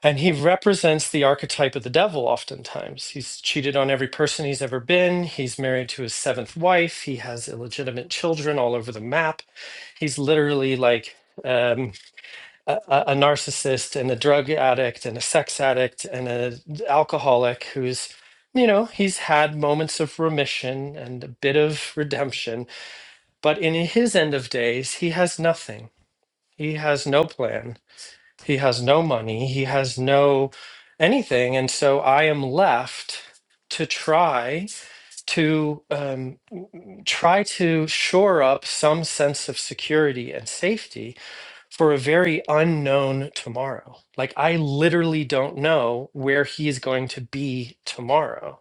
S1: and he represents the archetype of the devil. Oftentimes, he's cheated on every person he's ever been. He's married to his seventh wife. He has illegitimate children all over the map. He's literally like. um, a, a narcissist and a drug addict and a sex addict and an alcoholic who's you know he's had moments of remission and a bit of redemption but in his end of days he has nothing he has no plan he has no money he has no anything and so i am left to try to um, try to shore up some sense of security and safety for a very unknown tomorrow. Like, I literally don't know where he's going to be tomorrow.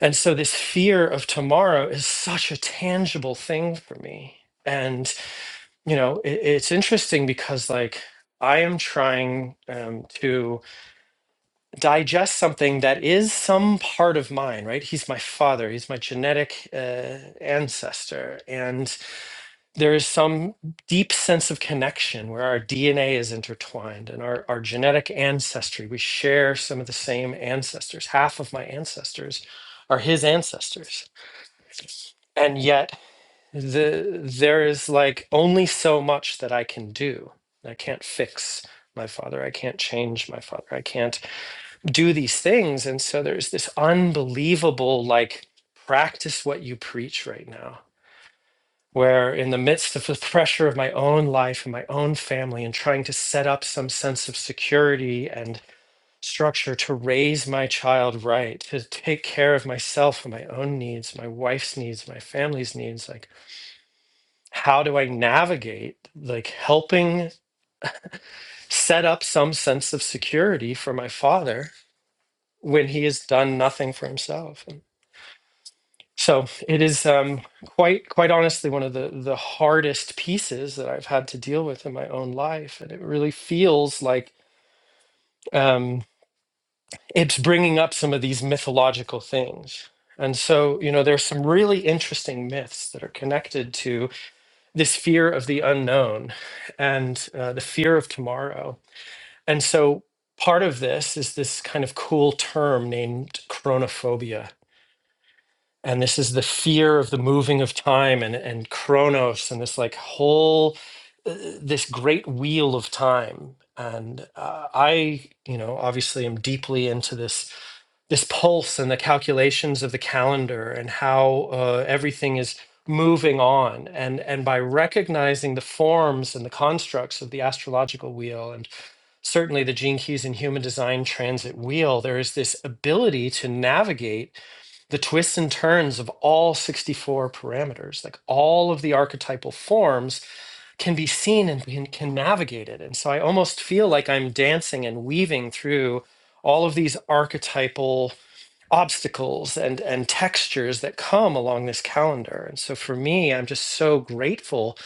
S1: And so, this fear of tomorrow is such a tangible thing for me. And, you know, it, it's interesting because, like, I am trying um, to digest something that is some part of mine, right? He's my father, he's my genetic uh, ancestor. And there is some deep sense of connection where our DNA is intertwined and our, our genetic ancestry. We share some of the same ancestors. Half of my ancestors are his ancestors. And yet, the, there is like only so much that I can do. I can't fix my father. I can't change my father. I can't do these things. And so there's this unbelievable, like, practice what you preach right now where in the midst of the pressure of my own life and my own family and trying to set up some sense of security and structure to raise my child right to take care of myself and my own needs my wife's needs my family's needs like how do i navigate like helping set up some sense of security for my father when he has done nothing for himself So it is um, quite quite honestly one of the the hardest pieces that I've had to deal with in my own life, and it really feels like um, it's bringing up some of these mythological things. And so, you know, there's some really interesting myths that are connected to this fear of the unknown and uh, the fear of tomorrow. And so, part of this is this kind of cool term named chronophobia and this is the fear of the moving of time and and chronos and this like whole uh, this great wheel of time and uh, i you know obviously am deeply into this this pulse and the calculations of the calendar and how uh, everything is moving on and and by recognizing the forms and the constructs of the astrological wheel and certainly the gene keys and human design transit wheel there is this ability to navigate the twists and turns of all 64 parameters like all of the archetypal forms can be seen and can, navigate it and so i almost feel like i'm dancing and weaving through all of these archetypal obstacles and and textures that come along this calendar and so for me i'm just so grateful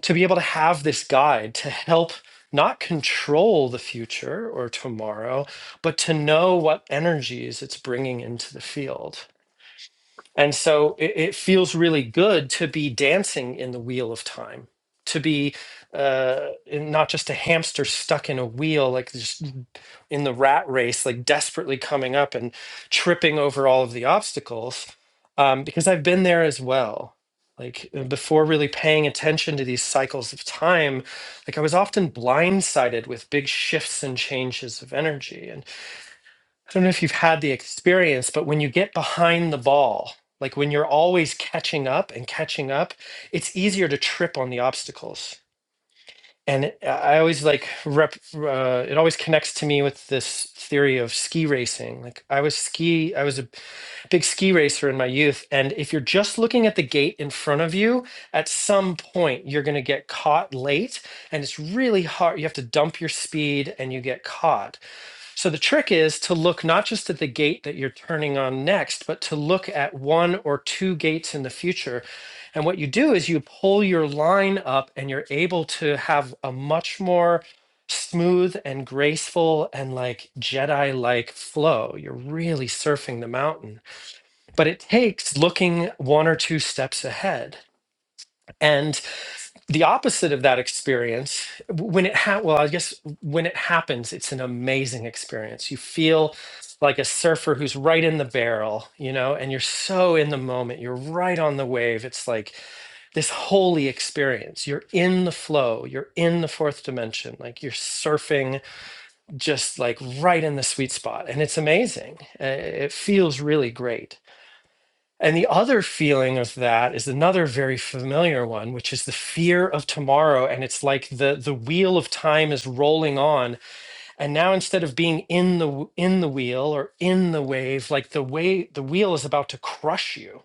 S1: to be able to have this guide to help not control the future or tomorrow but to know what energies it's bringing into the field and so it, it feels really good to be dancing in the wheel of time, to be uh, in- not just a hamster stuck in a wheel, like just in the rat race, like desperately coming up and tripping over all of the obstacles. Um, because I've been there as well. Like uh, before really paying attention to these cycles of time, like I was often blindsided with big shifts and changes of energy. I don't know if you've had the experience, but when you get behind the ball, like when you're always catching up and catching up, it's easier to trip on the obstacles. And it- I always like rep, uh, it always connects to me with this theory of ski racing. Like I was ski, I was a big ski racer in my youth. And if you're just looking at the gate in front of you, at some point you're going to get caught late. And it's really hard. You have to dump your speed and you get caught. So the trick is to look not just at the gate that you're turning on next, but to look at one or two gates in the future. And what you do is you pull your line up and you're able to have a much more smooth and graceful and like Jedi like flow. You're really surfing the mountain. But it takes looking one or two steps ahead. And the opposite of that experience when it ha- well i guess when it happens it's an amazing experience you feel like a surfer who's right in the barrel you know and you're so in the moment you're right on the wave it's like this holy experience you're in the flow you're in the fourth dimension like you're surfing just like right in the sweet spot and it's amazing Uh, it feels really great and the other feeling of that is another very familiar one, which is the fear of tomorrow. And it's like the the wheel of time is rolling on. And now instead of being in the w- in the wheel or in the wave, like the way the wheel is about to crush you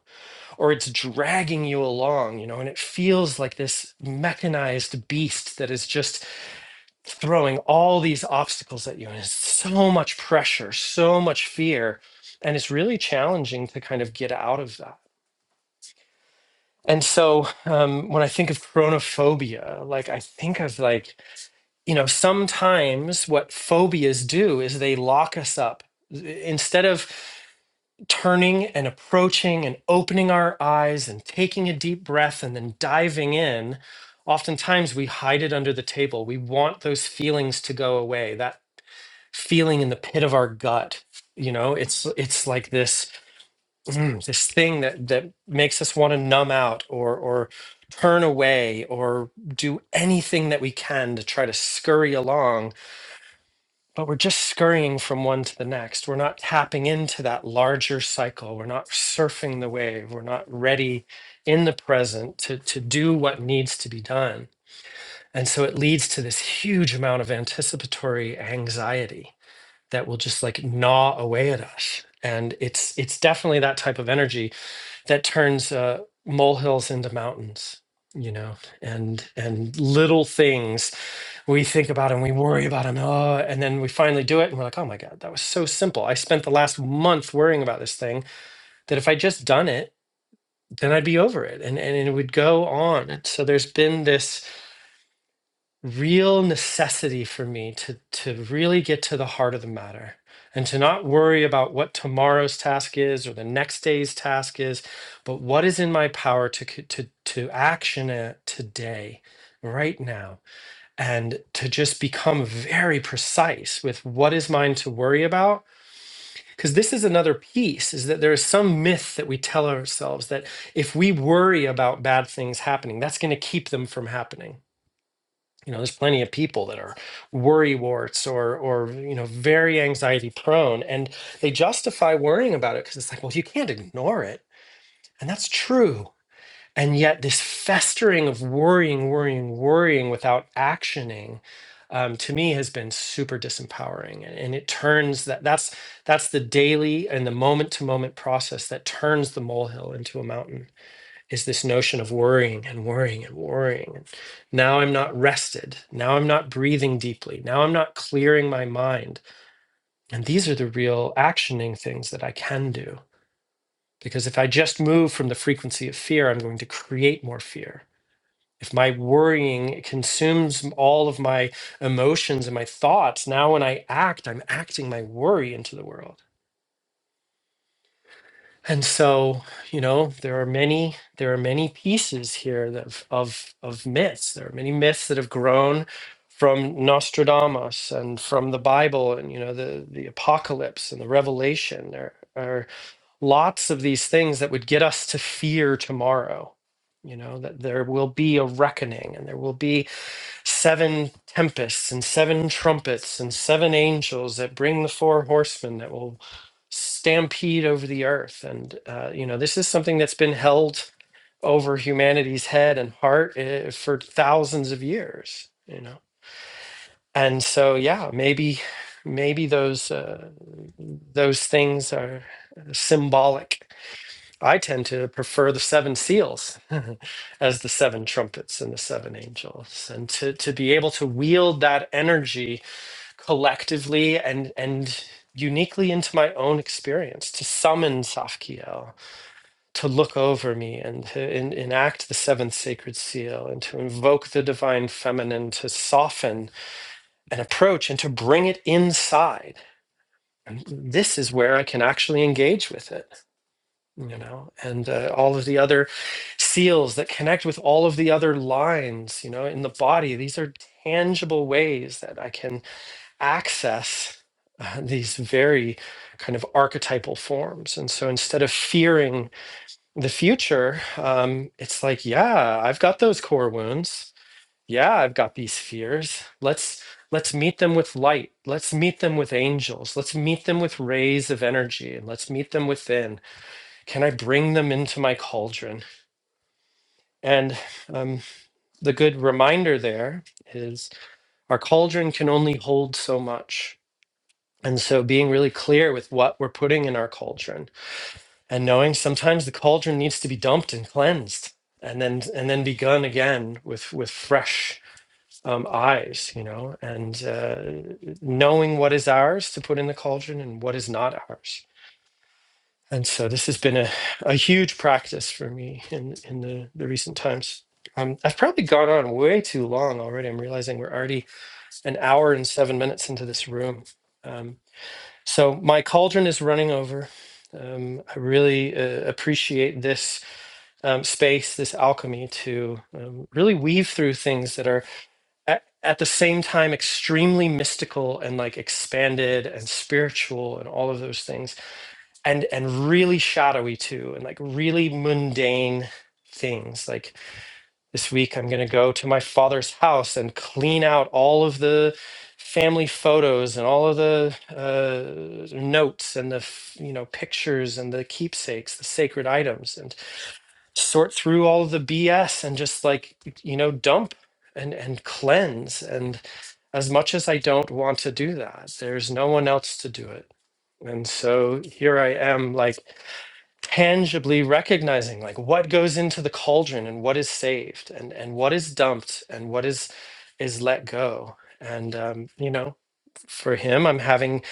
S1: or it's dragging you along, you know, and it feels like this mechanized beast that is just throwing all these obstacles at you. And it's so much pressure, so much fear. And it's really challenging to kind of get out of that. And so um, when I think of chronophobia, like I think of like, you know, sometimes what phobias do is they lock us up. Instead of turning and approaching and opening our eyes and taking a deep breath and then diving in, oftentimes we hide it under the table. We want those feelings to go away, that feeling in the pit of our gut. You know, it's it's like this mm, this thing that that makes us want to numb out or or turn away or do anything that we can to try to scurry along but we're just scurrying from one to the next we're not tapping into that larger cycle we're not surfing the wave we're not ready in the present to to do what needs to be done and so it leads to this huge amount of anticipatory anxiety that will just like gnaw away at us and it's it's definitely that type of energy that turns uh, molehills into mountains you know and and little things we think about and we worry about them oh, and then we finally do it and we're like oh my god that was so simple i spent the last month worrying about this thing that if i just done it then i'd be over it and and it would go on so there's been this real necessity for me to to really get to the heart of the matter and to not worry about what tomorrow's task is or the next day's task is but what is in my power to c- to to action it today right now and to just become very precise with what is mine to worry about because this is another piece is that there is some myth that we tell ourselves that if we worry about bad things happening that's going to keep them from happening you know there's plenty of people that are worry warts or or you know very anxiety prone and they justify worrying about it because it's like well you can't ignore it and that's true and yet this festering of worrying worrying worrying without actioning um, to me has been super disempowering and, and it turns that that's that's the daily and the moment to moment process that turns the molehill into a mountain is this notion of worrying and worrying and worrying. And now I'm not rested. Now I'm not breathing deeply. Now I'm not clearing my mind. And these are the real actioning things that I can do. Because if I just move from the frequency of fear, I'm going to create more fear. If my worrying consumes all of my emotions and my thoughts, now when I act, I'm acting my worry into the world And so, you know, there are many there are many pieces here that of of, of myths. There are many myths that have grown from Nostradamus and from the Bible and you know the the apocalypse and the revelation. There are lots of these things that would get us to fear tomorrow. You know, that there will be a reckoning and there will be seven tempests and seven trumpets and seven angels that bring the four horsemen that will stampede over the earth. And, uh, you know, this is something that's been held over humanity's head and heart eh, for thousands of years, you know. And so, yeah, maybe, maybe those uh, those things are symbolic I tend to prefer the seven seals as the seven trumpets and the seven angels, and to, to be able to wield that energy collectively and, and uniquely into my own experience, to summon Safkiel, to look over me and to en- enact the seventh sacred seal, and to invoke the divine feminine, to soften an approach and to bring it inside. And this is where I can actually engage with it you know, and uh, all of the other seals that connect with all of the other lines, you know, in the body. These are tangible ways that I can access uh, these very kind of archetypal forms. And so instead of fearing the future, um, it's like, yeah, I've got those core wounds. Yeah, I've got these fears. Let's let's meet them with light. Let's meet them with angels. Let's meet them with rays of energy, and let's meet them within can I bring them into my cauldron? And um, the good reminder there is our cauldron can only hold so much. And so being really clear with what we're putting in our cauldron and knowing sometimes the cauldron needs to be dumped and cleansed and then and then begun again with with fresh um, eyes, you know, and uh, knowing what is ours to put in the cauldron and what is not ours And so this has been a, a huge practice for me in, in the, the recent times. Um, I've probably gone on way too long already. I'm realizing we're already an hour and seven minutes into this room. Um, so my cauldron is running over. Um, I really uh, appreciate this um, space, this alchemy to um, really weave through things that are at, at the same time extremely mystical and like expanded and spiritual and all of those things and and really shadowy too and like really mundane things like this week i'm going to go to my father's house and clean out all of the family photos and all of the uh, notes and the f- you know pictures and the keepsakes the sacred items and sort through all of the bs and just like you know dump and and cleanse and as much as i don't want to do that there's no one else to do it and so here i am like tangibly recognizing like what goes into the cauldron and what is saved and and what is dumped and what is is let go and um, you know for him i'm having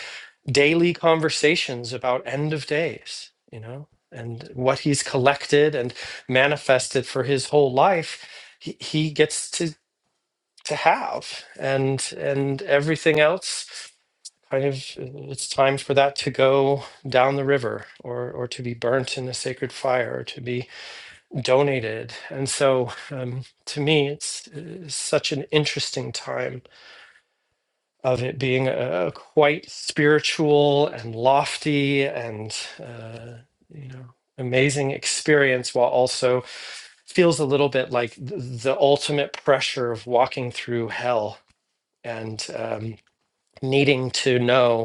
S1: daily conversations about end of days you know and what he's collected and manifested for his whole life he, he gets to to have and and everything else kind of uh, it's time for that to go down the river or or to be burnt in a sacred fire or to be donated and so um, to me it's uh, such an interesting time of it being a a quite spiritual and lofty and uh, you know amazing experience while also feels a little bit like th- the ultimate pressure of walking through hell and um, needing to know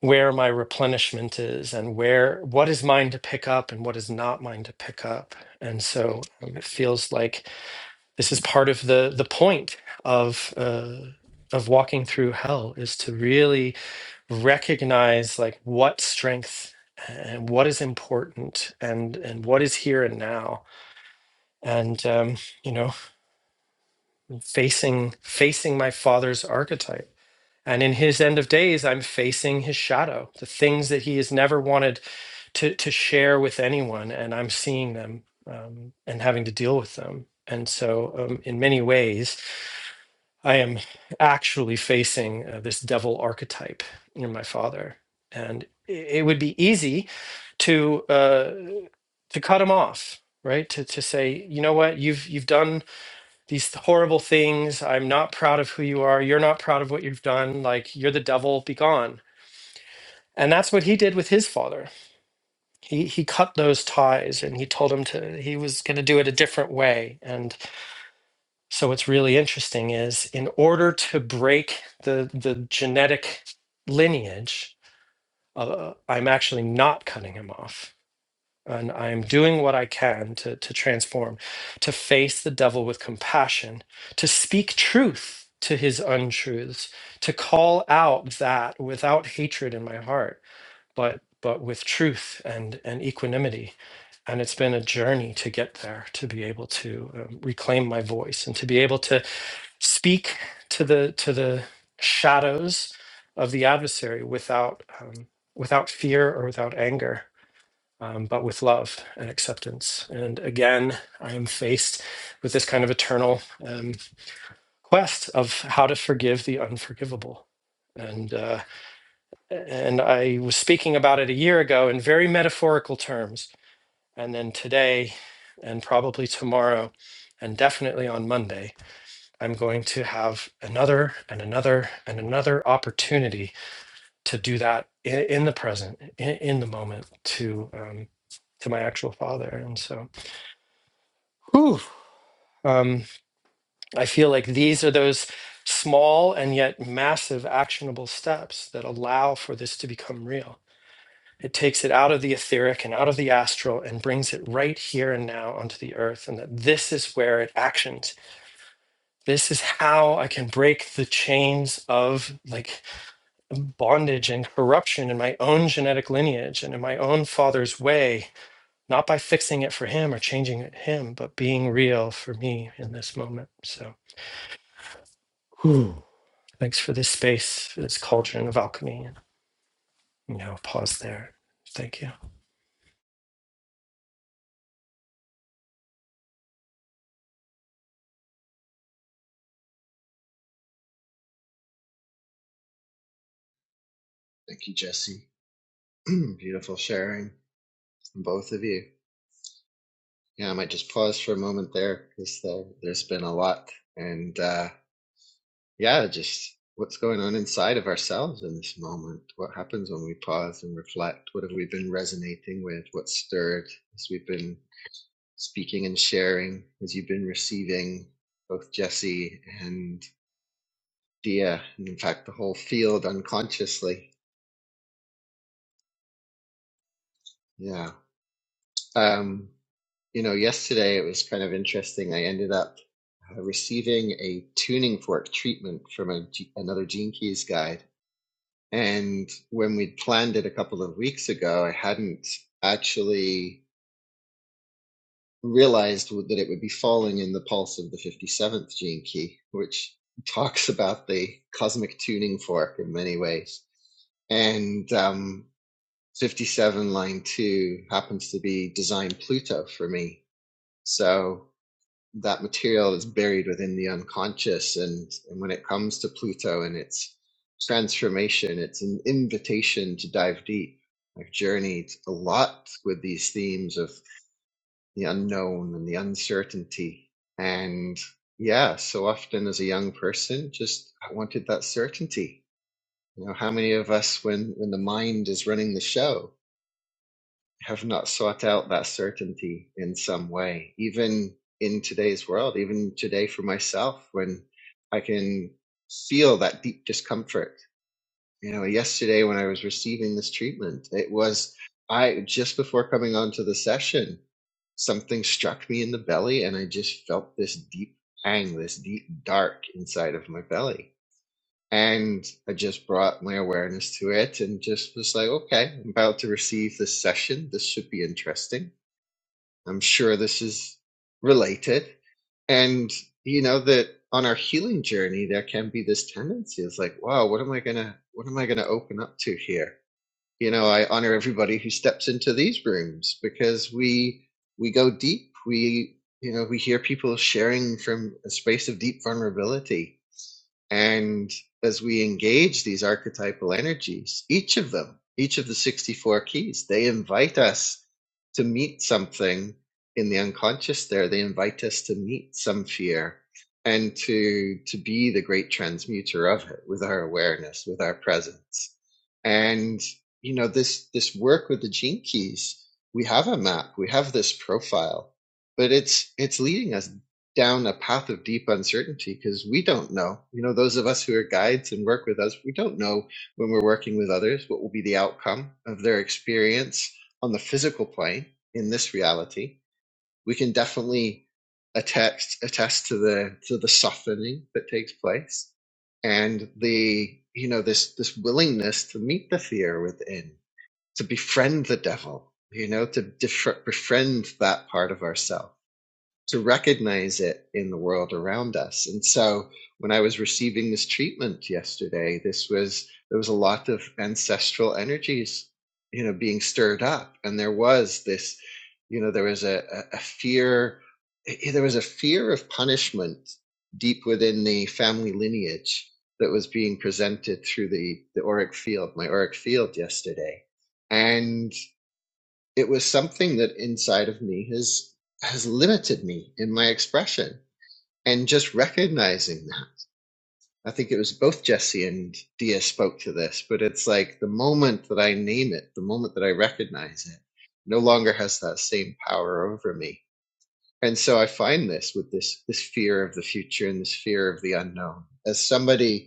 S1: where my replenishment is and where what is mine to pick up and what is not mine to pick up and so um, it feels like this is part of the the point of uh of walking through hell is to really recognize like what strength and what is important and and what is here and now and um you know facing facing my father's archetype and in his end of days i'm facing his shadow the things that he has never wanted to to share with anyone and i'm seeing them um, and having to deal with them and so um, in many ways i am actually facing uh, this devil archetype in my father and i- it would be easy to uh, to cut him off right to, to say you know what you've you've done these horrible things i'm not proud of who you are you're not proud of what you've done like you're the devil be gone and that's what he did with his father he he cut those ties and he told him to he was going to do it a different way and so what's really interesting is in order to break the the genetic lineage uh, i'm actually not cutting him off and i'm doing what i can to to transform to face the devil with compassion to speak truth to his untruths to call out that without hatred in my heart but but with truth and and equanimity and it's been a journey to get there to be able to um, reclaim my voice and to be able to speak to the to the shadows of the adversary without um, without fear or without anger um, but with love and acceptance and again i am faced with this kind of eternal um, quest of how to forgive the unforgivable and uh, and I was speaking about it a year ago in very metaphorical terms. And then today, and probably tomorrow, and definitely on Monday, I'm going to have another and another and another opportunity to do that in, in the present, in, in the moment, to um, to my actual father. And so, whew, um, I feel like these are those small and yet massive actionable steps that allow for this to become real It takes it out of the etheric and out of the astral and brings it right here and now onto the earth. And that this is where it actions. This is how I can break the chains of like bondage and corruption in my own genetic lineage and in my own father's way, not by fixing it for him or changing it him, but being real for me in this moment. So whew, thanks for this space, for this cauldron of alchemy. And, you know, pause there. Thank you.
S3: Thank you, Jesse. Beautiful sharing from both of you. Yeah, I might just pause for a moment there because there, there's been a lot. And uh, yeah, just what's going on inside of ourselves in this moment? What happens when we pause and reflect? What have we been resonating with? What's stirred as we've been speaking and sharing, as you've been receiving both Jesse and Dia, and in fact, the whole field unconsciously? Yeah. Um, You know, yesterday it was kind of interesting. I ended up uh, receiving a tuning fork treatment from a, G- another Gene Keys guide. And when we'd planned it a couple of weeks ago, I hadn't actually realized that it would be falling in the pulse of the 57th Gene Key, which talks about the cosmic tuning fork in many ways. And um, 57 line two happens to be design Pluto for me. So that material is buried within the unconscious and, and when it comes to pluto and its transformation it's an invitation to dive deep i've journeyed a lot with these themes of the unknown and the uncertainty and yeah so often as a young person just i wanted that certainty you know how many of us when when the mind is running the show have not sought out that certainty in some way, even in today's world, even today for myself, when I can feel that deep discomfort. You know, yesterday when I was receiving this treatment, it was I just before coming onto the session, something struck me in the belly and I just felt this deep pang, this deep dark inside of my belly and I just brought my awareness to it and just was like, okay, I'm about to receive this session. This should be interesting. I'm sure this is related. And you know that on our healing journey, there can be this tendency. It's like, wow, what am I gonna, what am I gonna open up to here? You know, I honor everybody who steps into these rooms because we we go deep. We you know we hear people sharing from a space of deep vulnerability and as we engage these archetypal energies, each of them, each of the 64 keys, they invite us to meet something in the unconscious there. They invite us to meet some fear and to, to be the great transmuter of it with our awareness, with our presence. And, you know, this, this work with the gene keys, we have a map, we have this profile, but it's, it's leading us down a path of deep uncertainty because we don't know. You know, those of us who are guides and work with us, we don't know when we're working with others what will be the outcome of their experience on the physical plane in this reality. We can definitely attest attest to the to the softening that takes place and the you know this this willingness to meet the fear within to befriend the devil you know to def- befriend that part of ourselves to recognize it in the world around us. And so when I was receiving this treatment yesterday, this was there was a lot of ancestral energies, you know, being stirred up. And there was this, you know, there was a, a, a fear eh, there was a fear of punishment deep within the family lineage that was being presented through the, the auric field, my auric field yesterday. and it was something that inside of me has has limited me in my expression and just recognizing that i think it was both jesse and dia spoke to this but it's like the moment that i name it the moment that i recognize it no longer has that same power over me and so i find this with this this fear of the future and this fear of the unknown as somebody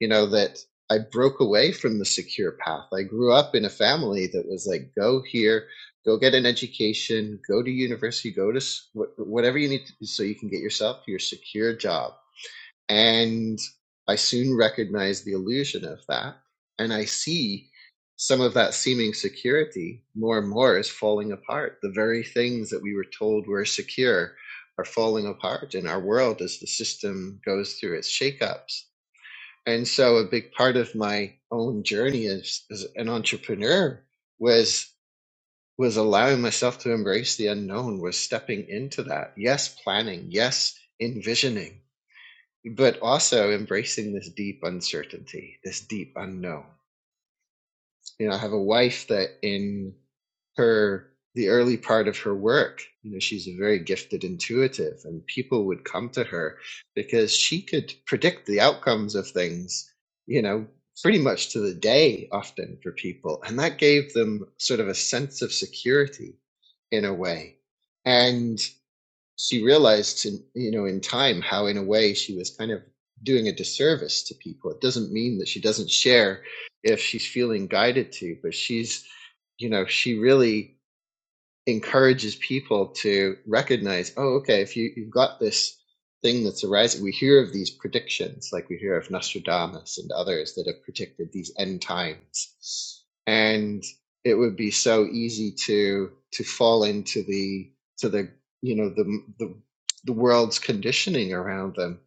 S3: you know, that I broke away from the secure path. I grew up in a family that was like, go here, go get an education, go to university, go to whatever you need to do so you can get yourself your secure job. And I soon recognized the illusion of that. And I see some of that seeming security more and more is falling apart. The very things that we were told were secure are falling apart, and our world as the system goes through its shakeups and so a big part of my own journey as, as an entrepreneur was was allowing myself to embrace the unknown, was stepping into that. Yes, planning, yes, envisioning, but also embracing this deep uncertainty, this deep unknown. You know, I have a wife that in her the early part of her work. You know, she's a very gifted intuitive, and people would come to her because she could predict the outcomes of things, you know, pretty much to the day often for people. And that gave them sort of a sense of security in a way. And she realized, in, you know, in time how, in a way, she was kind of doing a disservice to people. It doesn't mean that she doesn't share if she's feeling guided to, but she's, you know, she really encourages people to recognize, oh, okay, if you, you've got this thing that's arising, we hear of these predictions, like we hear of Nostradamus and others that have predicted these end times. And it would be so easy to to fall into the to the you know the the the world's conditioning around them.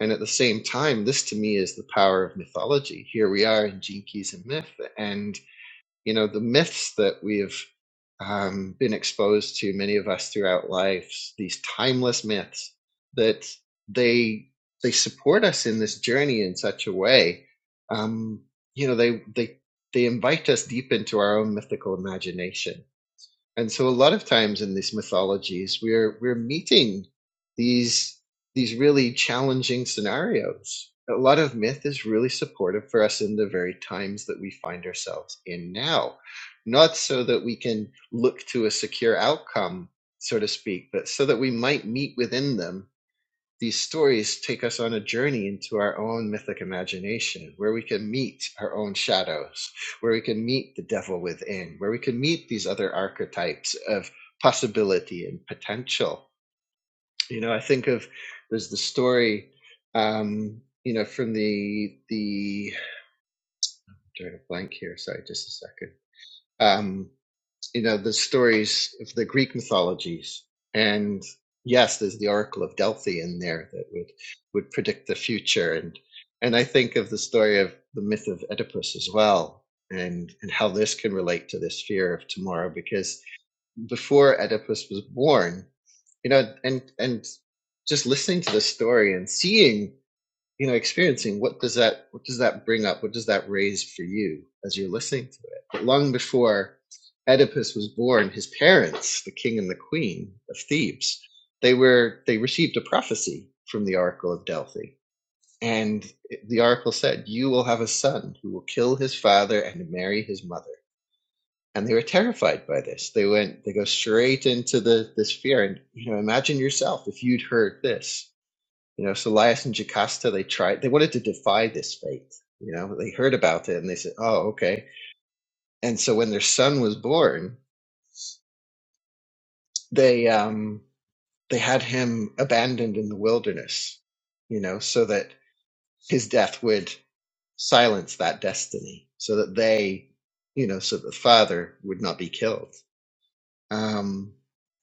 S3: And at the same time, this to me is the power of mythology. Here we are in Jinkies and myth, and you know the myths that we've um, been exposed to many of us throughout lives these timeless myths that they they support us in this journey in such a way um, you know they they they invite us deep into our own mythical imagination and so a lot of times in these mythologies, we're we're meeting these these really challenging scenarios. A lot of myth is really supportive for us in the very times that we find ourselves in now. Not so that we can look to a secure outcome, so to speak, but so that we might meet within them these stories take us on a journey into our own mythic imagination where we can meet our own shadows, where we can meet the devil within, where we can meet these other archetypes of possibility and potential. You know, I think of there's the story, um, you know, from the, the, I'm drawing a blank here, sorry, just a second. Um, you know the stories of the Greek mythologies, and yes, there's the Oracle of Delphi in there that would would predict the future, and and I think of the story of the myth of Oedipus as well, and and how this can relate to this fear of tomorrow, because before Oedipus was born, you know, and and just listening to the story and seeing you know experiencing what does that what does that bring up what does that raise for you as you're listening to it but long before oedipus was born his parents the king and the queen of thebes they were they received a prophecy from the oracle of delphi and the oracle said you will have a son who will kill his father and marry his mother and they were terrified by this they went they go straight into the this fear and you know imagine yourself if you'd heard this you know, so Laius and Jocasta, they tried, they wanted to defy this fate. You know, they heard about it and they said, oh, okay. And so when their son was born, they, um, they had him abandoned in the wilderness, you know, so that his death would silence that destiny so that they, you know, so that the father would not be killed. Um,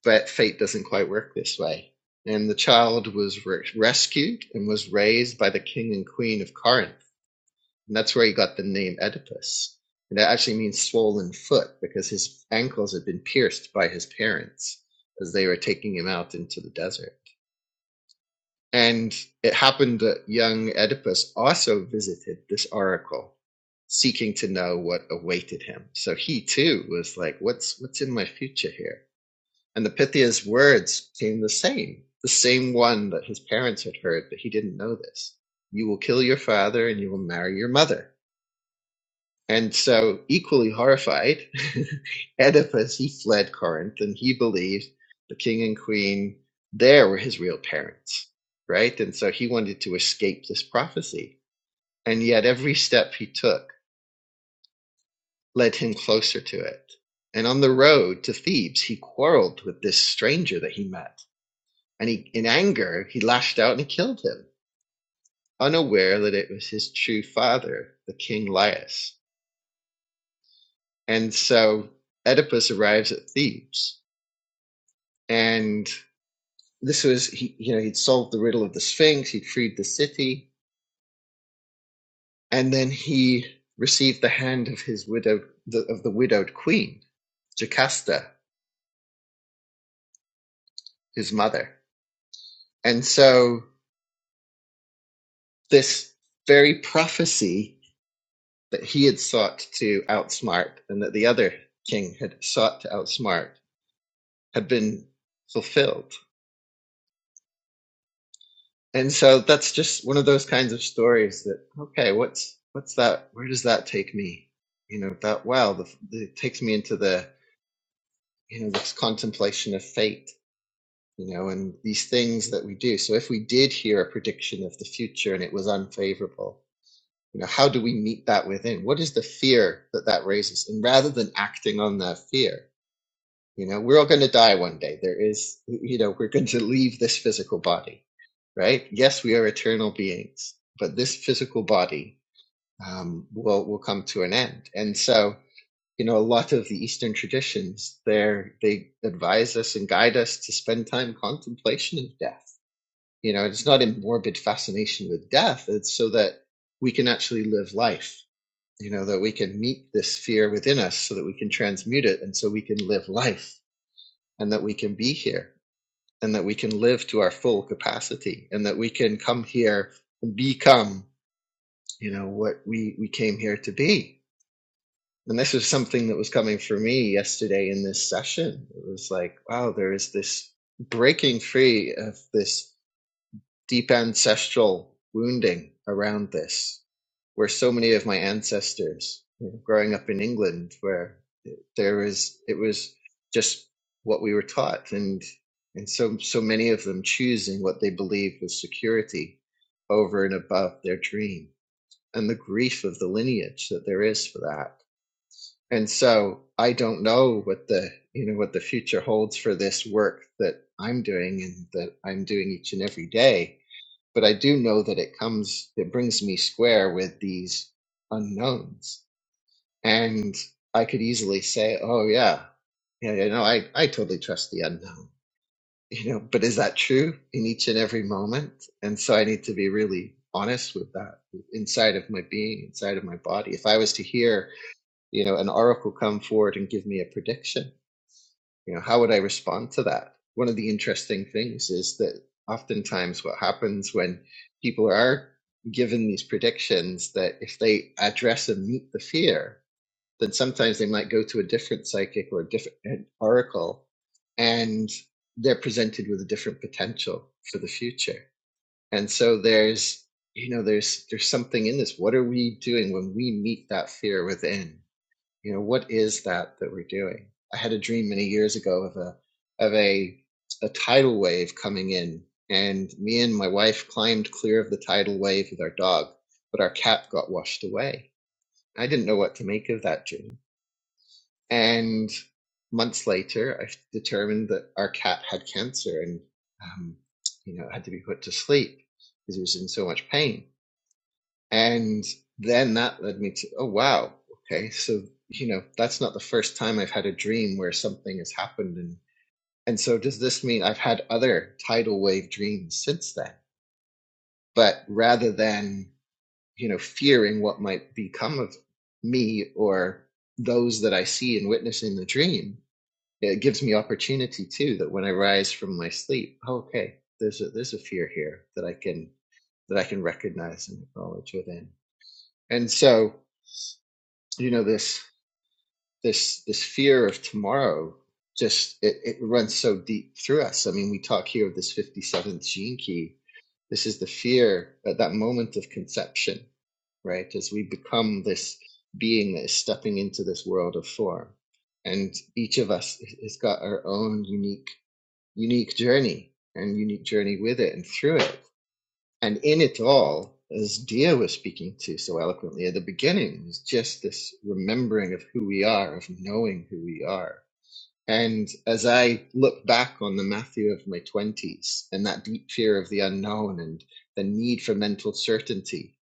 S3: but fate doesn't quite work this way. And the child was re- rescued and was raised by the king and queen of Corinth And that's where he got the name Oedipus. And that actually means swollen foot because his ankles had been pierced by his parents as they were taking him out into the desert. And it happened that young Oedipus also visited this oracle, seeking to know what awaited him. So he too was like, What's what's in my future here? And the Pythia's words came the same, the same one that his parents had heard, but he didn't know this. You will kill your father and you will marry your mother and so, equally horrified, Oedipus, he fled Corinth and he believed the king and queen there were his real parents, right? And so he wanted to escape this prophecy. And yet, every step he took led him closer to it. And on the road to Thebes, he quarreled with this stranger that he met. And he, in anger, he lashed out and he killed him, unaware that it was his true father, the king Laius. And so Oedipus arrives at Thebes and this was he you know he'd solved the riddle of the sphinx he'd freed the city and then he received the hand of his widowed the, of the widowed queen jocasta his mother and so this very prophecy that he had sought to outsmart and that the other king had sought to outsmart had been fulfilled and so that's just one of those kinds of stories that okay what's what's that where does that take me you know that wow the, it takes me into the you know this contemplation of fate you know and these things that we do so if we did hear a prediction of the future and it was unfavorable you know how do we meet that within what is the fear that that raises and rather than acting on that fear you know, we're all going to die one day. There is, you know, we're going to leave this physical body, right? Yes, we are eternal beings, but this physical body um, will will come to an end. And so, you know, a lot of the Eastern traditions, there they advise us and guide us to spend time contemplation of death. You know, it's not a morbid fascination with death. It's so that we can actually live life. You know, that we can meet this fear within us, so that we can transmute it, and so we can live life and that we can be here and that we can live to our full capacity and that we can come here and become you know what we we came here to be and this was something that was coming for me yesterday in this session it was like wow there is this breaking free of this deep ancestral wounding around this where so many of my ancestors you know, growing up in england where there was it was just what we were taught, and and so so many of them choosing what they believed was security over and above their dream, and the grief of the lineage that there is for that. And so I don't know what the you know what the future holds for this work that I'm doing and that I'm doing each and every day. But I do know that it comes it brings me square with these unknowns. And I could easily say, oh, yeah, yeah, you know, I, I totally trust the unknown, you know, but is that true in each and every moment? And so I need to be really honest with that inside of my being, inside of my body. If I was to hear, you know, an oracle come forward and give me a prediction, you know, how would I respond to that? One of the interesting things is that oftentimes what happens when people are given these predictions that if they address and meet the fear, then sometimes they might go to a different psychic or a different oracle and they're presented with a different potential for the future and so there's you know there's there's something in this what are we doing when we meet that fear within you know what is that that we're doing i had a dream many years ago of a of a a tidal wave coming in and me and my wife climbed clear of the tidal wave with our dog but our cat got washed away i didn't know what to make of that dream and months later, I determined that our cat had cancer and, um, you know, had to be put to sleep because he was in so much pain. And then that led me to, oh, wow, okay, so, you know, that's not the first time I've had a dream where something has happened. And, and so does this mean I've had other tidal wave dreams since then? But rather than, you know, fearing what might become of me or those that I see and witness in the dream, it gives me opportunity too that when I rise from my sleep, oh, okay, there's a there's a fear here that I can that I can recognize and acknowledge within. And so, you know, this this this fear of tomorrow just it, it runs so deep through us. I mean, we talk here of this 57th gene key. This is the fear at that moment of conception, right? As we become this being that is stepping into this world of form. And each of us has got our own unique unique journey and unique journey with it and through it. And in it all, as Dia was speaking to so eloquently at the beginning, is just this remembering of who we are, of knowing who we are. And as I look back on the Matthew of my 20s and that deep fear of the unknown and the need for mental certainty,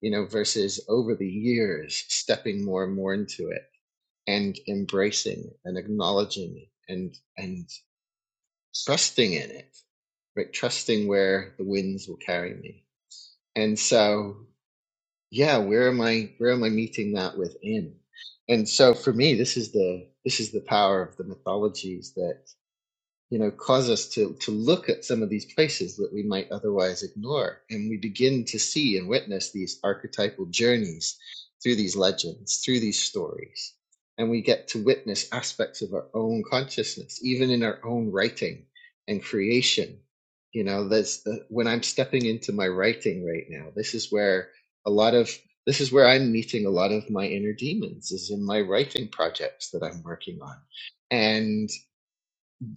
S3: you know, versus over the years stepping more and more into it and embracing and acknowledging and and trusting in it, right? Trusting where the winds will carry me. And so, yeah, where am I? Where am I meeting that within? And so, for me, this is the this is the power of the mythologies that you know, cause us to, to look at some of these places that we might otherwise ignore. And we begin to see and witness these archetypal journeys through these legends, through these stories. And we get to witness aspects of our own consciousness, even in our own writing and creation. You know, that's uh, when I'm stepping into my writing right now. This is where a lot of this is where I'm meeting a lot of my inner demons is in my writing projects that I'm working on. And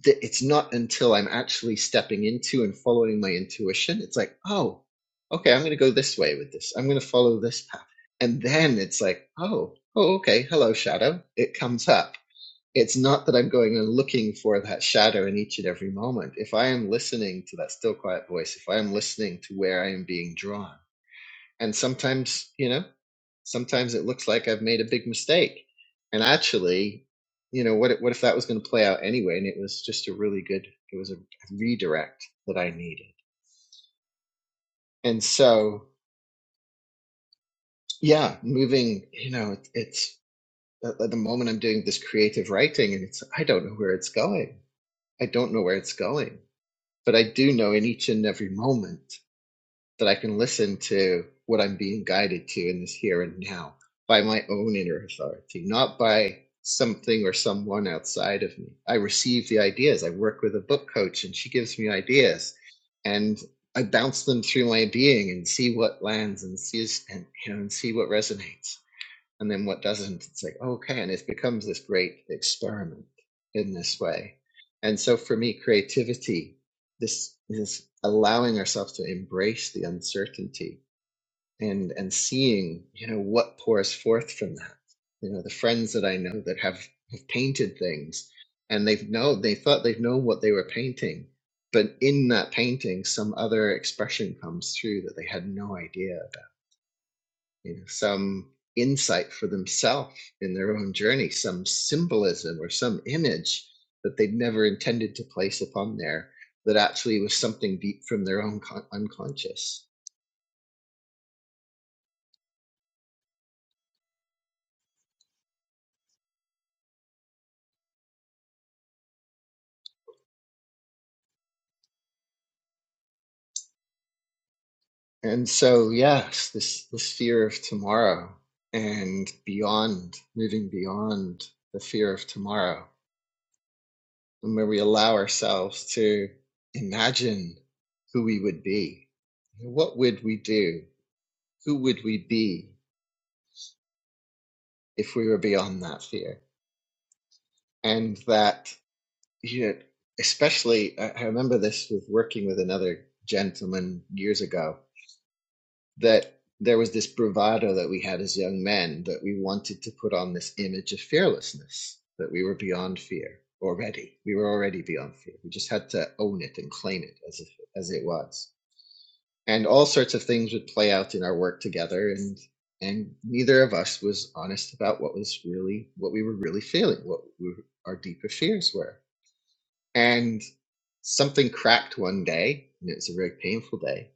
S3: th- it's not until I'm actually stepping into and following my intuition, it's like, oh, okay, I'm going to go this way with this. I'm going to follow this path. And then it's like, oh, oh, okay, hello, shadow. It comes up. It's not that I'm going and looking for that shadow in each and every moment. If I am listening to that still quiet voice, if I am listening to where I am being drawn, and sometimes, you know, sometimes it looks like I've made a big mistake. And actually, you know, what if- what if that was going to play out anyway? And it was just a really good, it was a redirect that I needed. And so, yeah, moving, you know, it, it's at the moment I'm doing this creative writing and it's, I don't know where it's going. I don't know where it's going, but I do know in each and every moment that I can listen to what I'm being guided to in this here and now by my own inner authority, not by something or someone outside of me. I receive the ideas. I work with a book coach and she gives me ideas and I bounce them through my being and see what lands and sees and, you know, and see what resonates and then what doesn't it's like okay and it becomes this great experiment in this way and so for me creativity this is allowing ourselves to embrace the uncertainty and and seeing you know what pours forth from that you know the friends that i know that have have painted things and they've know they thought they've known what they were painting but in that painting some other expression comes through that they had no idea you know, some insight for themselves in their own journey, some symbolism or some image that they'd never intended to place upon there that actually was something deep from their own con- unconscious. And so, yes, this, this fear of tomorrow and beyond, moving beyond the fear of tomorrow, and where we allow ourselves to imagine who we would be. What would we do? Who would we be if we were beyond that fear. And that, you know, especially, I remember this with working with another gentleman years ago, that there was this bravado that we had as young men that we wanted to put on this image of fearlessness, that we were beyond fear already. We were already beyond fear. We just had to own it and claim it as if, as it was and all sorts of things would play out in our work together and and neither of us was honest about what was really what we were really feeling what we, our deeper fears were and something cracked one day and it was a very painful day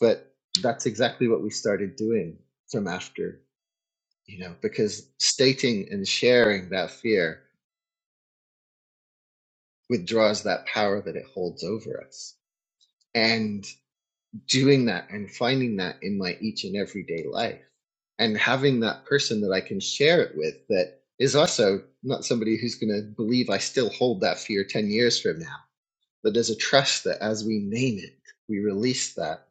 S3: but that's exactly what we started doing from after you know because stating and sharing that fear withdraws that power that it holds over us and. doing that and finding that in my each and everyday life and having that person that I can share it with that is also not somebody who's going to believe I still hold that fear 10 years from now. But there's a trust that as we name it, we release that,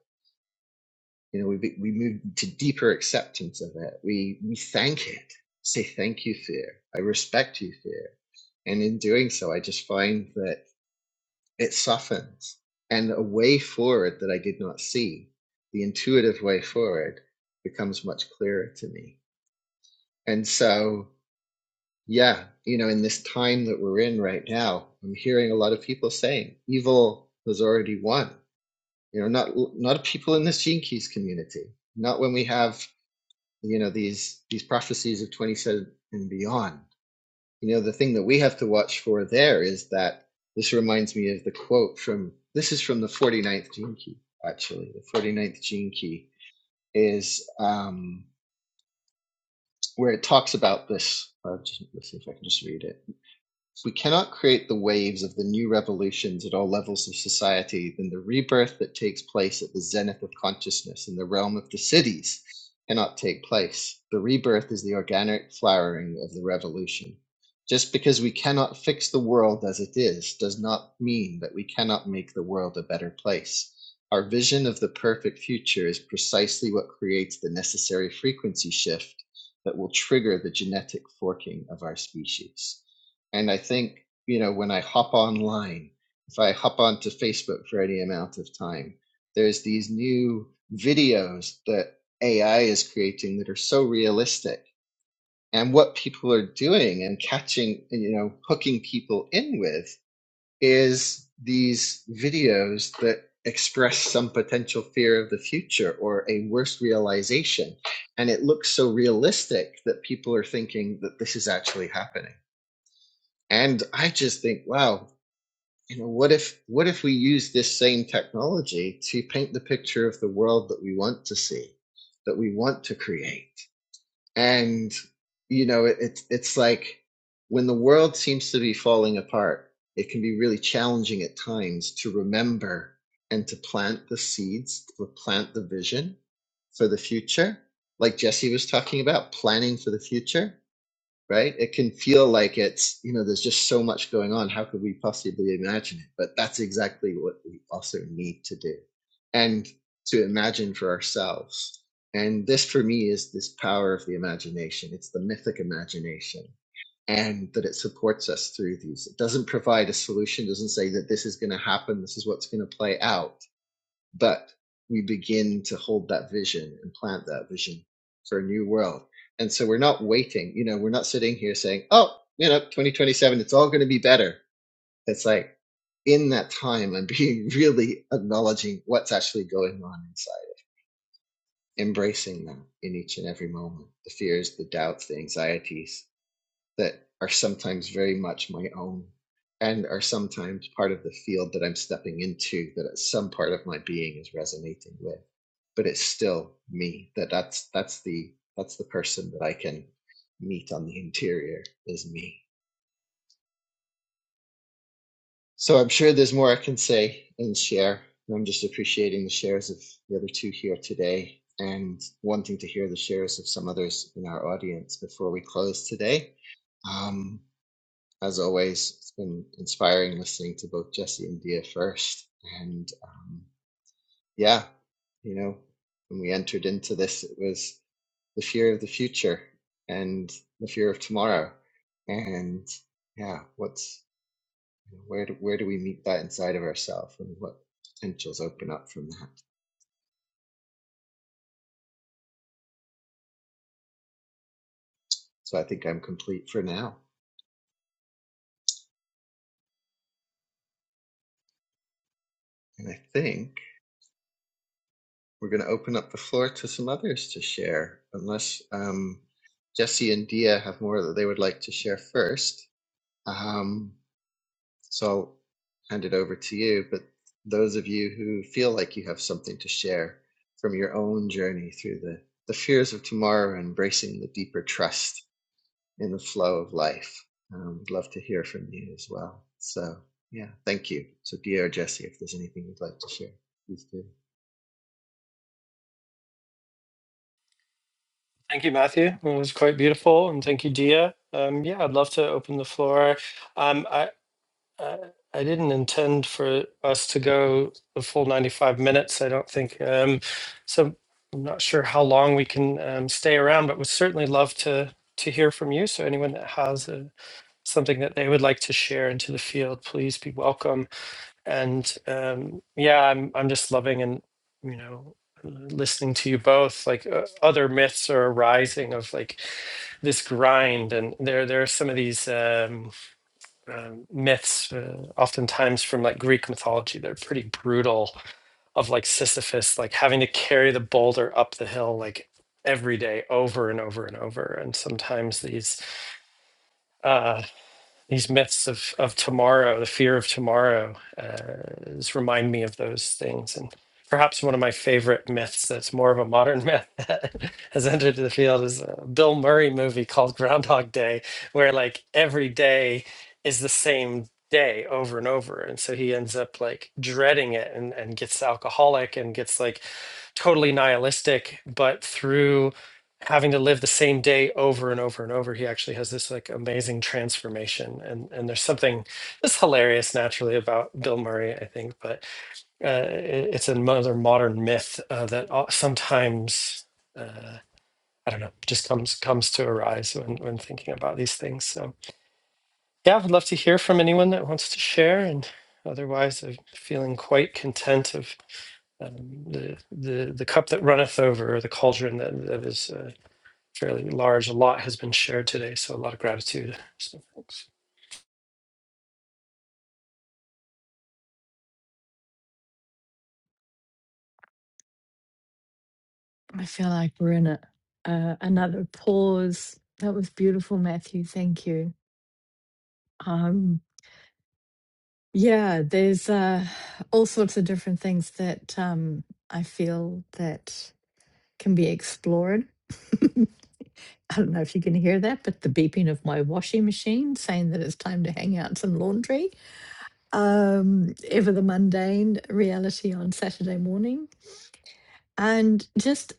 S3: you know, we, we move to deeper acceptance of it. We, we thank it, say, thank you, fear. I respect you, fear. And in doing so, I just find that it softens. And a way forward that I did not see, the intuitive way forward, becomes much clearer to me. And so, yeah, you know, in this time that we're in right now, I'm hearing a lot of people saying evil has already won. You know, not not people in this Gene Keys community, not when we have you know these these prophecies of 27 and beyond. you know the thing that we have to watch for there is that this reminds me of the quote from this is from the forty ninth gene key actually the forty ninth gene key is um, where it talks about this uh, let's see if i can just read it if we cannot create the waves of the new revolutions at all levels of society, then the rebirth that takes place at the zenith of consciousness in the realm of the cities cannot take place. The rebirth is the organic flowering of the revolution. Just because we cannot fix the world as it is does not mean that we cannot make the world a better place. Our vision of the perfect future is precisely what creates the necessary frequency shift that will trigger the genetic forking of our species. And I think, you know, when I hop online, if I hop onto Facebook for any amount of time, there's these new videos that AI is creating that are so realistic. And what people are doing and catching, you know, hooking people in with is these videos that express some potential fear of the future or a worse realization. And it looks so realistic that people are thinking that this is actually happening. And I just think, wow, you know, what if what if we use this same technology to paint the picture of the world that we want to see, that we want to create? And you know, it, it's it's like when the world seems to be falling apart, it can be really challenging at times to remember and to plant the seeds, to plant the vision for the future, like Jesse was talking about, planning for the future right? It can feel like it's, you know, there's just so much going on. How could we possibly imagine it? But that's exactly what we also need to do and to imagine for ourselves. And this, for me, is this power of the imagination. It's the mythic imagination and that it supports us through these. It doesn't provide a solution, doesn't say that this is going to happen, this is what's going to play out but we begin to hold that vision and plant that vision for a new world. And so we're not waiting, you know, we're not sitting here saying, oh, you know, 2027, it's all going to be better. It's like in that time, I'm being really acknowledging what's actually going on inside, embracing that in each and every moment the fears, the doubts, the anxieties, that are sometimes very much my own and are sometimes part of the field that I'm stepping into that some part of my being is resonating with. But it's still me. That that's that's the that's the person that I can meet on the interior is me. So I'm sure there's more I can say and share. I'm just appreciating the shares of the other two here today and wanting to hear the shares of some others in our audience before we close today. Um, As always, it's been inspiring listening to both Jesse and Dia first. And um, yeah, you know, when we entered into this, it was the fear of the future and the fear of tomorrow. And yeah, what's where do, where do we meet that inside of ourselves and what potentials open up from that? So I think I'm complete for now. And I think we're going to open up the floor to some others to share, unless um, Jesse and Dia have more that they would like to share first. Um, so I'll hand it over to you. But those of you who feel like you have something to share from your own journey through the, the fears of tomorrow, embracing the deeper trust in the flow of life, um, would love to hear from you as well. So, yeah, thank you. So, Dia or Jesse, if there's anything you'd like to share, please do.
S1: Thank you, Matthew. It was quite beautiful, and thank you, Dia. Um, yeah, I'd love to open the floor. Um, I, I I didn't intend for us to go the full ninety-five minutes. I don't think um, so. I'm not sure how long we can um, stay around, but would certainly love to to hear from you. So anyone that has uh something that they would like to share into the field, please be welcome and um, yeah, I'm I'm just loving and you know listening to you both. Like uh, other myths are arising of like this grind, and there there are some of these um, um myths, uh, oftentimes from like Greek mythology, that are pretty brutal. Of like Sisyphus, like having to carry the boulder up the hill, like every day over and over and over and sometimes these Uh, these myths of of tomorrow, the fear of tomorrow, uh, just remind me of those things. And perhaps one of my favorite myths that's more of a modern myth that has entered the field is a Bill Murray movie called Groundhog Day, where like every day is the same day over and over and so he ends up like dreading it and, and gets alcoholic and gets like totally nihilistic, but through having to live the same day over and over and over, he actually has this like amazing transformation. And and there's something that's hilarious naturally about Bill Murray, I think, but uh, it, it's another modern myth uh, that o- sometimes. Uh, I don't know, just comes comes to arise when when thinking about these things. So yeah, I would love to hear from anyone that wants to share. And otherwise, I'm feeling quite content of um, the the the cup that runneth over, or the cauldron that that is uh, fairly large. A lot has been shared today, so a lot of gratitude. So thanks.
S2: I feel like we're in a, uh, another pause. That was beautiful, Matthew. Thank you. Um, yeah, there's uh, all sorts of different things that um, I feel that can be explored. I don't know if you can hear that, but the beeping of my washing machine saying that it's time to hang out some laundry. Um, ever the mundane reality on Saturday morning. And just,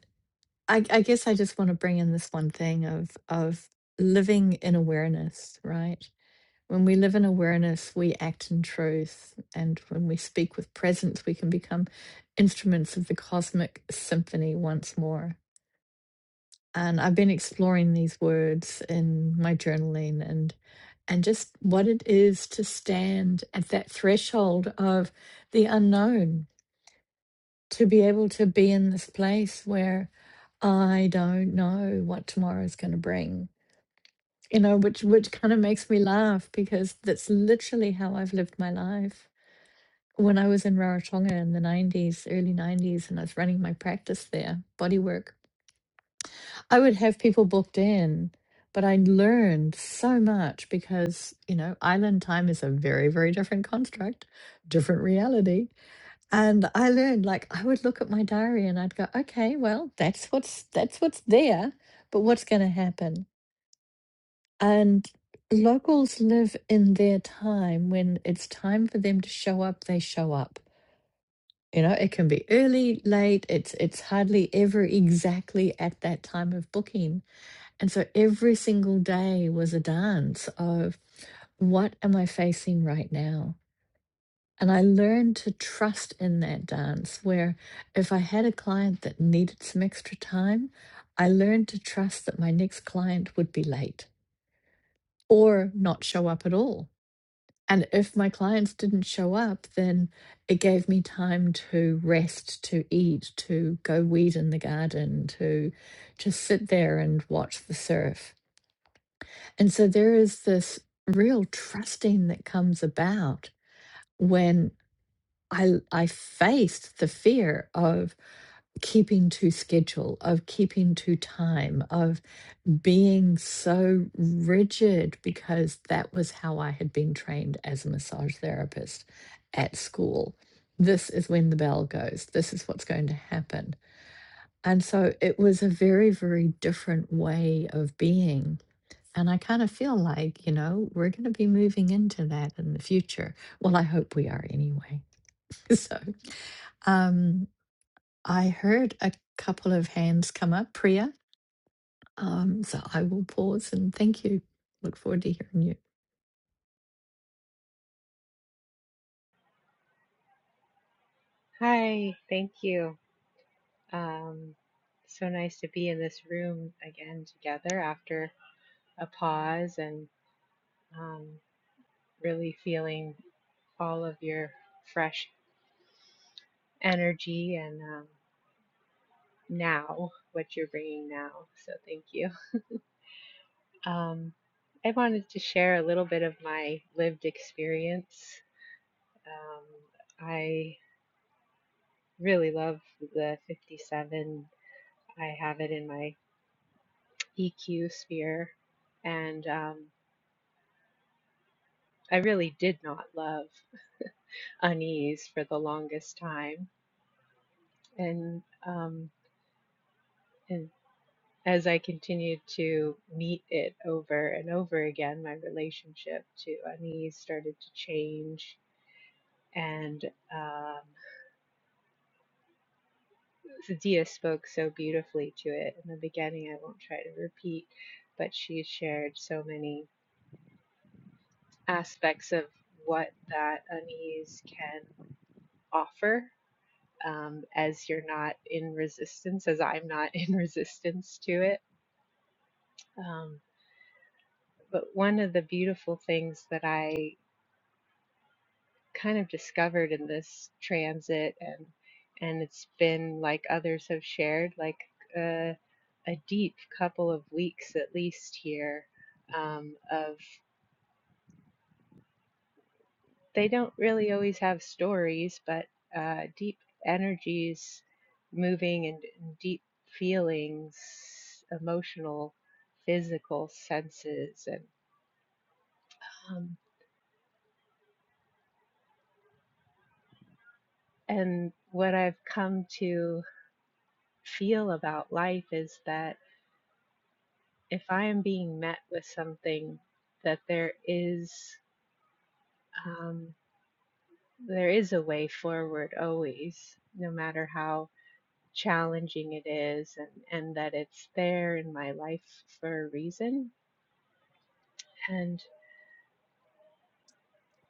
S2: I, I guess I just want to bring in this one thing of, of living in awareness, right? When we live in awareness, we act in truth. And when we speak with presence, we can become instruments of the cosmic symphony once more and I've been exploring these words in my journaling and and just what it is to stand at that threshold of the unknown to be able to be in this place where I don't know what tomorrow is going to bring you know which which kind of makes me laugh because that's literally how I've lived my life when I was in Rarotonga in the 90s early 90s and I was running my practice there bodywork I would have people booked in, but I learned so much because, you know, island time is a very, very different construct, different reality. And I learned like I would look at my diary and I'd go, okay, well, that's what's that's what's there, but what's gonna happen? And locals live in their time when it's time for them to show up, they show up. You know, it can be early, late, it's it's hardly ever exactly at that time of booking and so every single day was a dance of what am I facing right now? And I learned to trust in that dance where if I had a client that needed some extra time, I learned to trust that my next client would be late or not show up at all. And if my clients didn't show up, then it gave me time to rest, to eat, to go weed in the garden, to just sit there and watch the surf And so there is this real trusting that comes about when I I faced the fear of keeping to schedule, of keeping to time, of being so rigid because that was how I had been trained as a massage therapist at school. This is when the bell goes. This is what's going to happen. And so it was a very, very different way of being and I kind of feel like, you know, we're going to be moving into that in the future. Well, I hope we are anyway. So, um, I heard a couple of hands come up, Priya. Um, so I will pause and thank you. Look forward to hearing you.
S4: Hi, thank you. Um, so nice to be in this room again together after a pause and um, really feeling all of your fresh energy and um, now what you're bringing now. So thank you. Um, I wanted to share a little bit of my lived experience. Um, I really love the 57. I have it in my EQ sphere and um, I really did not love unease for the longest time, and um, and as I continued to meet it over and over again, my relationship to unease started to change. And um, Dia spoke so beautifully to it in the beginning. I won't try to repeat, but she shared so many aspects of what that unease can offer um, as you're not in resistance, as I'm not in resistance to it. Um, but one of the beautiful things that I kind of discovered in this transit, and and it's been like others have shared, like a, a deep couple of weeks at least here um, of they don't really always have stories, but uh, deep energies, moving and, and deep feelings, emotional, physical senses, and um, and what I've come to feel about life is that if I am being met with something, that there is um, there is a way forward always, no matter how challenging it is and, and that it's there in my life for a reason. And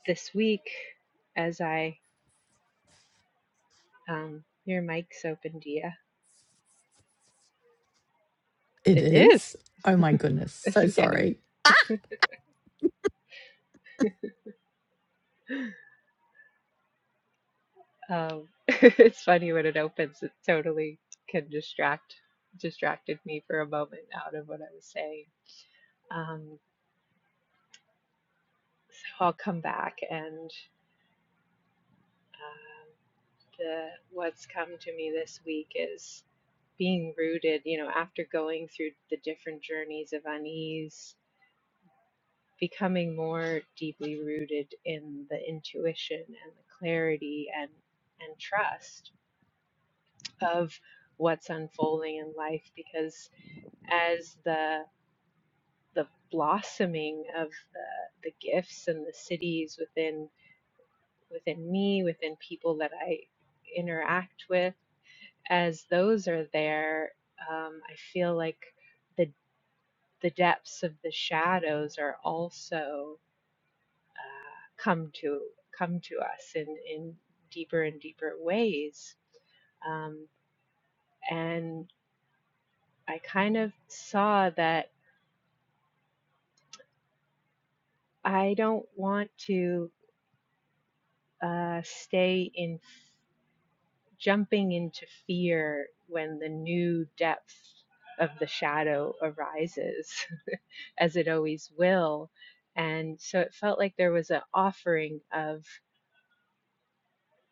S4: this week, as I, um, your mic's open, Dia.
S2: It
S4: It is.
S2: is. Oh my goodness.
S4: It's
S2: So
S4: okay.
S2: sorry.
S4: Um, it's funny when it opens, it totally can distract, distracted me for a moment out of what I was saying. Um, so I'll come back and, um, the what's come to me this week is being rooted, you know, after going through the different journeys of unease, becoming more deeply rooted in the intuition and the clarity and and trust of what's unfolding in life because as the the blossoming of the, the gifts and the cities within within me, within people that I interact with as those are there, um, I feel like the the depths of the shadows are also come to come to us in in deeper and deeper ways. Um, and I kind of saw that I don't want to uh, stay in f- jumping into fear when the new depth of the shadow arises. as it always will. And so it felt like there was an offering of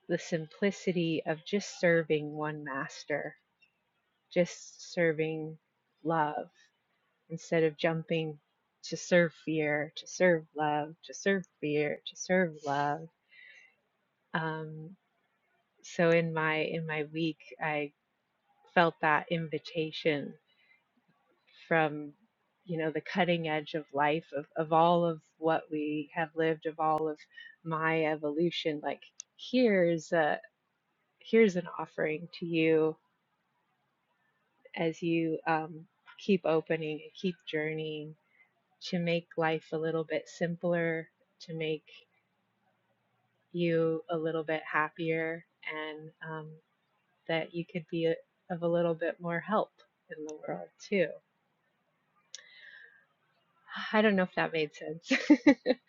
S4: the simplicity of just serving one master, just serving love instead of jumping to serve fear, to serve love, to serve fear, to serve love. Um, so in my in my week, I felt that invitation from you know the cutting edge of life of, of all of what we have lived of all of my evolution like here's a here's an offering to you as you um, keep opening and keep journeying to make life a little bit simpler to make you a little bit happier and um, that you could be a, of a little bit more help in the world too I don't know if that made sense.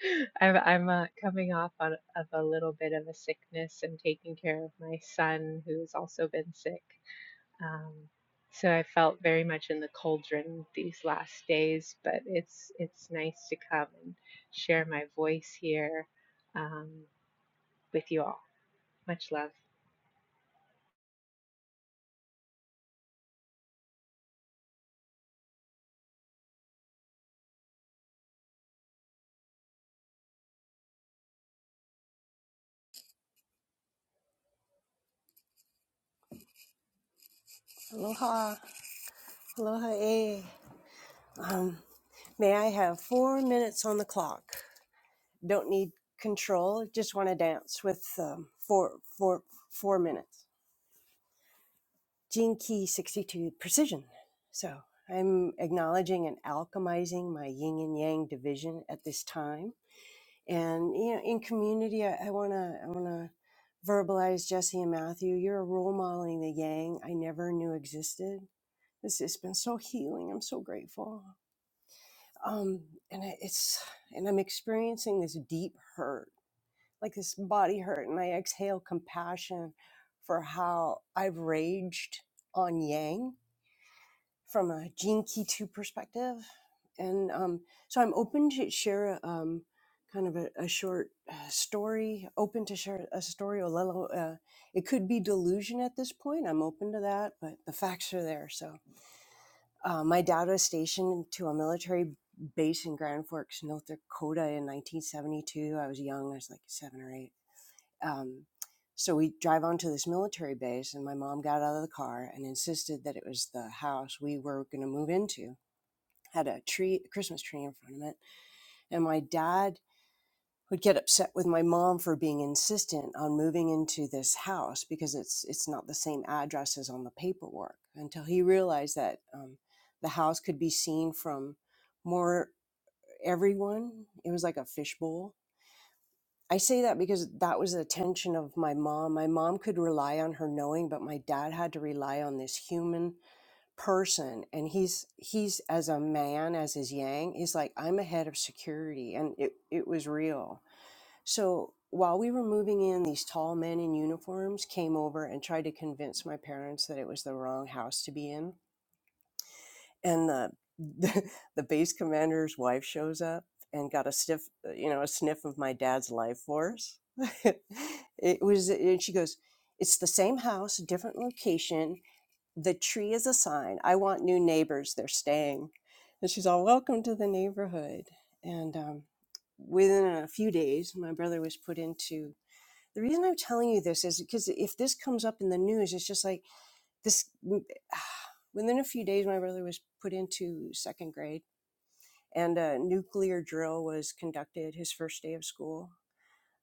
S4: I'm I'm uh, coming off on, of a little bit of a sickness and taking care of my son who's also been sick. Um, so I felt very much in the cauldron these last days, but it's it's nice to come and share my voice here um, with you all. Much love.
S5: Aloha, aloha, eh. Um, may I have four minutes on the clock? Don't need control. Just want to dance with um, four, four, four minutes. Gene Key 62 Precision. So I'm acknowledging and alchemizing my yin and yang division at this time. And you know, in community, I, I wanna, I wanna verbalize Jesse and Matthew. You're role modeling the yang I never knew existed. This has been so healing. I'm so grateful. um and I- it's and i'm experiencing this deep hurt like this body hurt and i exhale compassion for how i've raged on yang from a gene key 2 perspective and um so i'm open to share um kind of a, a short uh, story open to share a story or little, uh, it could be delusion at this point i'm open to that but the facts are there so uh, my dad was stationed to a military base in Grand Forks, North Dakota in 1972. I was young, I was like seven or eight. Um, so we drive onto this military base, and my mom got out of the car and insisted that it was the house we were going to move into. Had a tree, a Christmas tree in front of it, and my dad would get upset with my mom for being insistent on moving into this house because it's it's not the same address as on the paperwork until he realized that um, the house could be seen from more everyone it was like a fishbowl i say that because that was the tension of my mom my mom could rely on her knowing but my dad had to rely on this human person and he's he's as a man as his yang he's like i'm a head of security and it, it was real so while we were moving in, these tall men in uniforms came over and tried to convince my parents that it was the wrong house to be in. And the the, the base commander's wife shows up and got a stiff, you know, a sniff of my dad's life force. it was, and she goes, "It's the same house, different location. The tree is a sign. I want new neighbors. They're staying." And she's all, "Welcome to the neighborhood." And um, within a few days, my brother was put into the reason I'm telling you this is because if this comes up in the news, it's just like this. Within a few days, my brother was put into second grade, and a nuclear drill was conducted his first day of school.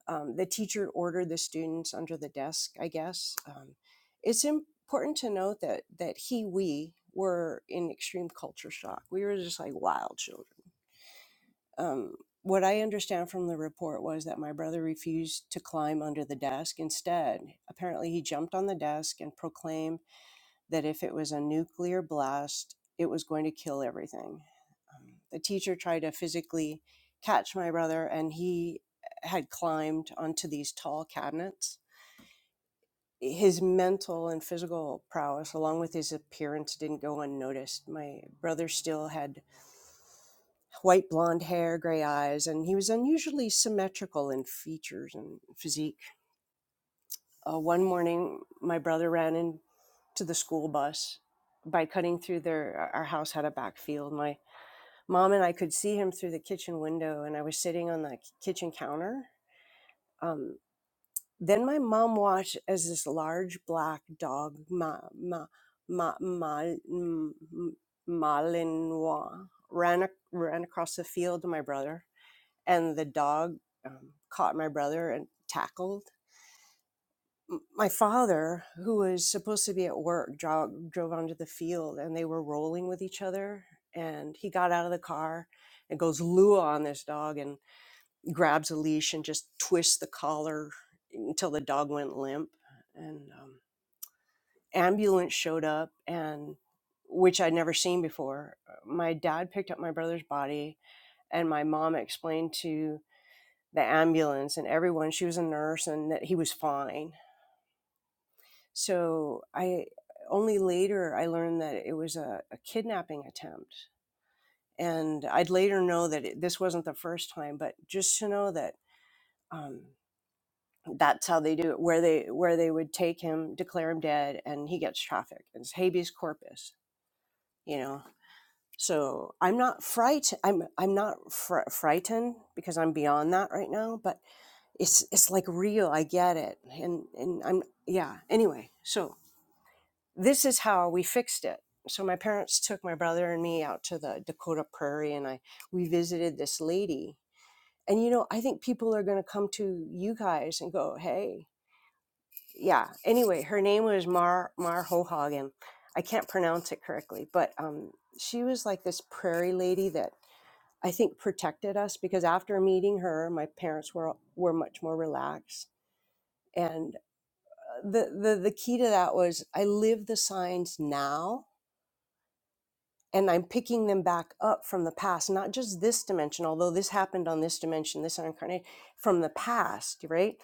S5: Um, the teacher ordered the students under the desk, I guess. Um, it's important to note that that he, we were in extreme culture shock. We were just like wild children um, what I understand from the report was that my brother refused to climb under the desk. Instead, apparently, he jumped on the desk and proclaimed that if it was a nuclear blast, it was going to kill everything. Um, the teacher tried to physically catch my brother, and he had climbed onto these tall cabinets. His mental and physical prowess, along with his appearance, didn't go unnoticed. My brother still had white blonde hair, gray eyes, and he was unusually symmetrical in features and physique. Uh, one morning, my brother ran into the school bus by cutting through their our house had a back field. My mom and I could see him through the kitchen window, and I was sitting on the kitchen counter. Um, then my mom watched as this large black dog, ma, ma, ma, ma, m- m- Malinois, ran ac- ran across the field to my brother and the dog um, caught my brother and tackled my father who was supposed to be at work drove, drove onto the field and they were rolling with each other and he got out of the car and goes lua on this dog and grabs a leash and just twists the collar until the dog went limp and um, ambulance showed up and which i'd never seen before uh, my dad picked up my brother's body and my mom explained to the ambulance and everyone she was a nurse and that he was fine so i only later i learned that it was a, a kidnapping attempt and i'd later know that it, this wasn't the first time but just to know that um, that's how they do it where they where they would take him declare him dead and he gets trafficked it's habeas corpus you know so i'm not fright i'm i'm not fr- frightened because i'm beyond that right now but it's it's like real i get it and and i'm yeah anyway so this is how we fixed it so my parents took my brother and me out to the dakota prairie and i we visited this lady and you know i think people are going to come to you guys and go hey yeah anyway her name was mar mar hohagen i can't pronounce it correctly but um she was like this prairie lady that i think protected us because after meeting her my parents were were much more relaxed and. the, the the key to that was I live the signs now and I'm picking them back up from the past, not just this dimension, although this happened on this dimension, this incarnate from the past, right?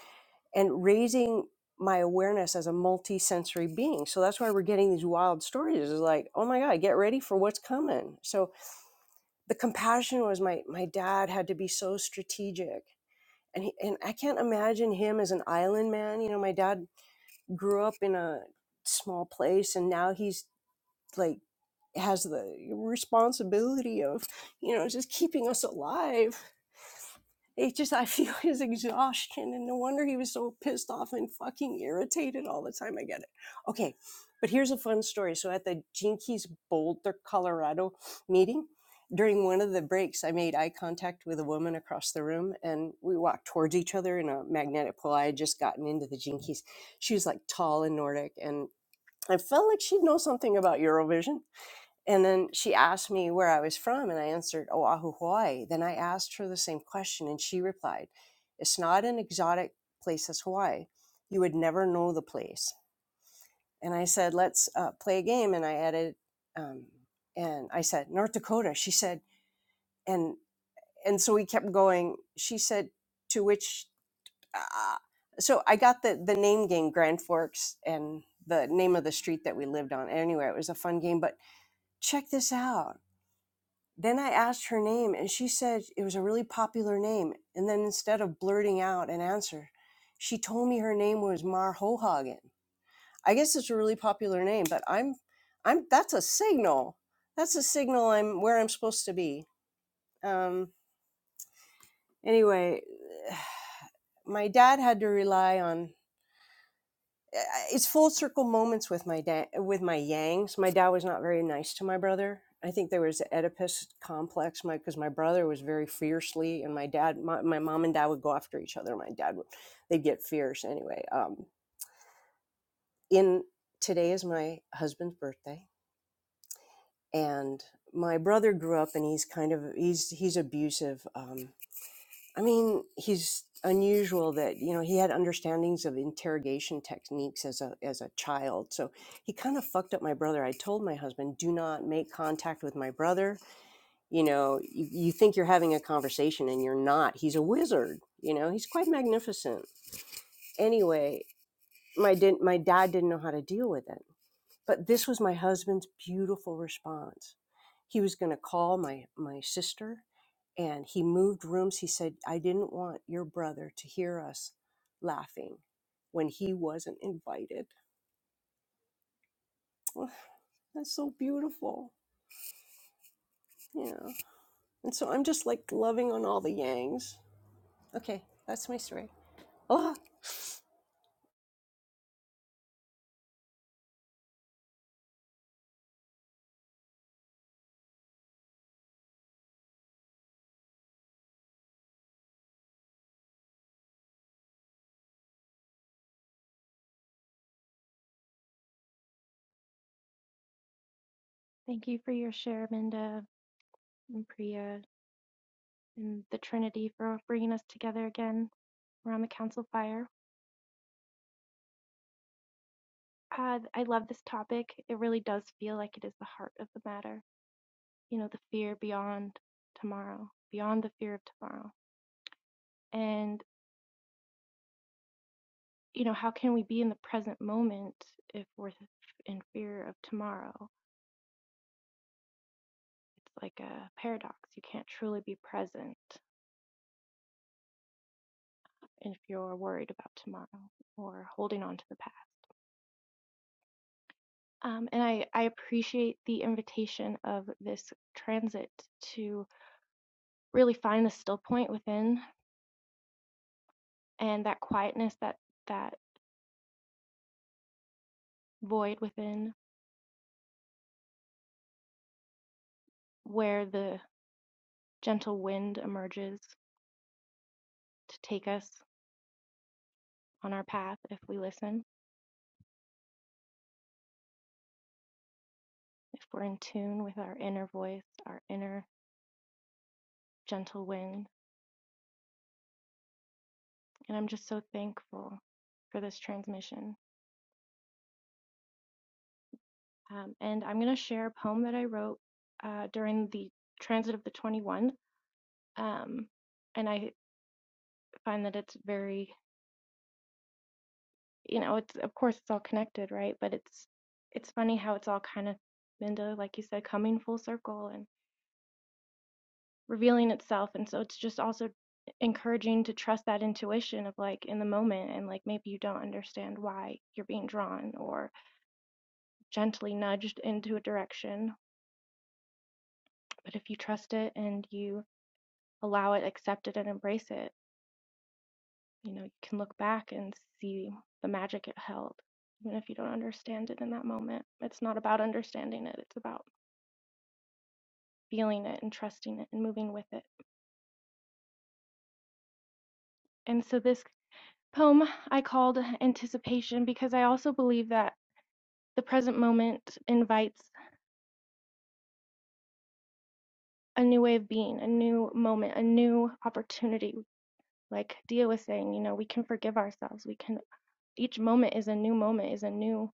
S5: And raising my awareness as a multi-sensory being. So that's why we're getting these wild stories. It's like, oh my God, get ready for what's coming. So the compassion was my my dad had to be so strategic. And he, and I can't imagine him as an island man. You know, my dad grew up in a small place and now he's like has the responsibility of you know just keeping us alive it just i feel his exhaustion and no wonder he was so pissed off and fucking irritated all the time i get it okay but here's a fun story so at the jinkies boulder colorado meeting during one of the breaks i made eye contact with a woman across the room and we walked towards each other in a magnetic pole i had just gotten into the jinkies she was like tall and nordic and I felt like she'd know something about Eurovision. And then she asked me where I was from, and I answered Oahu, Hawaii. Then I asked her the same question, and she replied, It's not an exotic place as Hawaii. You would never know the place. And I said, Let's uh, play a game. And I added, um, and I said, North Dakota. She said, and and so we kept going. She said, To which, uh, so I got the, the name game, Grand Forks, and the name of the street that we lived on. Anyway, it was a fun game, but check this out. Then I asked her name and she said it was a really popular name. And then instead of blurting out an answer, she told me her name was Mar Hohagen. I guess it's a really popular name, but I'm, I'm, that's a signal. That's a signal I'm where I'm supposed to be. Um, anyway, my dad had to rely on uh, it's full circle moments with my dad with my yangs my dad was not very nice to my brother i think there was an oedipus complex my because my brother was very fiercely and my dad my, my mom and dad would go after each other my dad would they'd get fierce anyway um, in today is my husband's birthday and my brother grew up and he's kind of he's he's abusive um, I mean, he's unusual that you know he had understandings of interrogation techniques as a as a child. So he kind of fucked up my brother. I told my husband, "Do not make contact with my brother." You know, you, you think you're having a conversation and you're not. He's a wizard. You know, he's quite magnificent. Anyway, my did my dad didn't know how to deal with it but this was my husband's beautiful response. He was going to call my my sister and he moved rooms. He said, I didn't want your brother to hear us laughing when he wasn't invited. Oh, That's so beautiful. Yeah. And so I'm just like loving on all the yangs. Okay, that's my story.
S6: Thank you for your share, Minda and Priya and the Trinity for bringing us together again around the council fire. Uh, I love this topic. It really does feel like it is the heart of the matter. You know, the fear beyond tomorrow, beyond the fear of tomorrow. And, you know, how can we be in the present moment if we're in fear of tomorrow? It's like a paradox. You can't truly be present if you're worried about tomorrow or holding on to the past. Um, and I, I appreciate the invitation of this transit to really find the still point within and that quietness, that that void within where the gentle wind emerges to take us on our path if we listen, if we're in tune with our inner voice, our inner gentle wind. And I'm just so thankful for this transmission. Um, and I'm going to share a poem that I wrote uh, during the transit of the 21. Um, and I find that it's very, you know, it's of course it's all connected, right? But it's it's funny how it's all kind of been to, like you said, coming full circle and revealing itself. And so it's just also encouraging to trust that intuition of like in the moment and like maybe you don't understand why you're being drawn or gently nudged into a direction. But if you trust it and you allow it, accept it and embrace it, you know, you can look back and see the magic it held, even if you don't understand it in that moment. It's not about understanding it, it's about feeling it and trusting it and moving with it. And so, this poem I called Anticipation because I also believe that the present moment invites a new way of being, a new moment, a new opportunity. Like Dia was saying, you know, we can forgive ourselves. We can, each moment is a new moment, is a new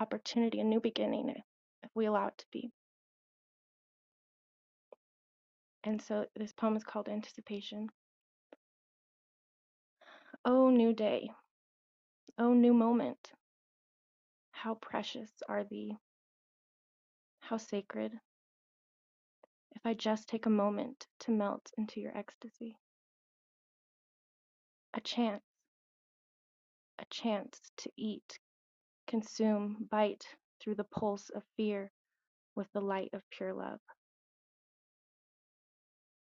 S6: opportunity, a new beginning if we allow it to be. And so this poem is called Anticipation. O new day, O new moment, how precious are thee, how sacred, if I just take a moment to melt into your ecstasy. A chance, a chance to eat, consume, bite through the pulse of fear with the light of pure love.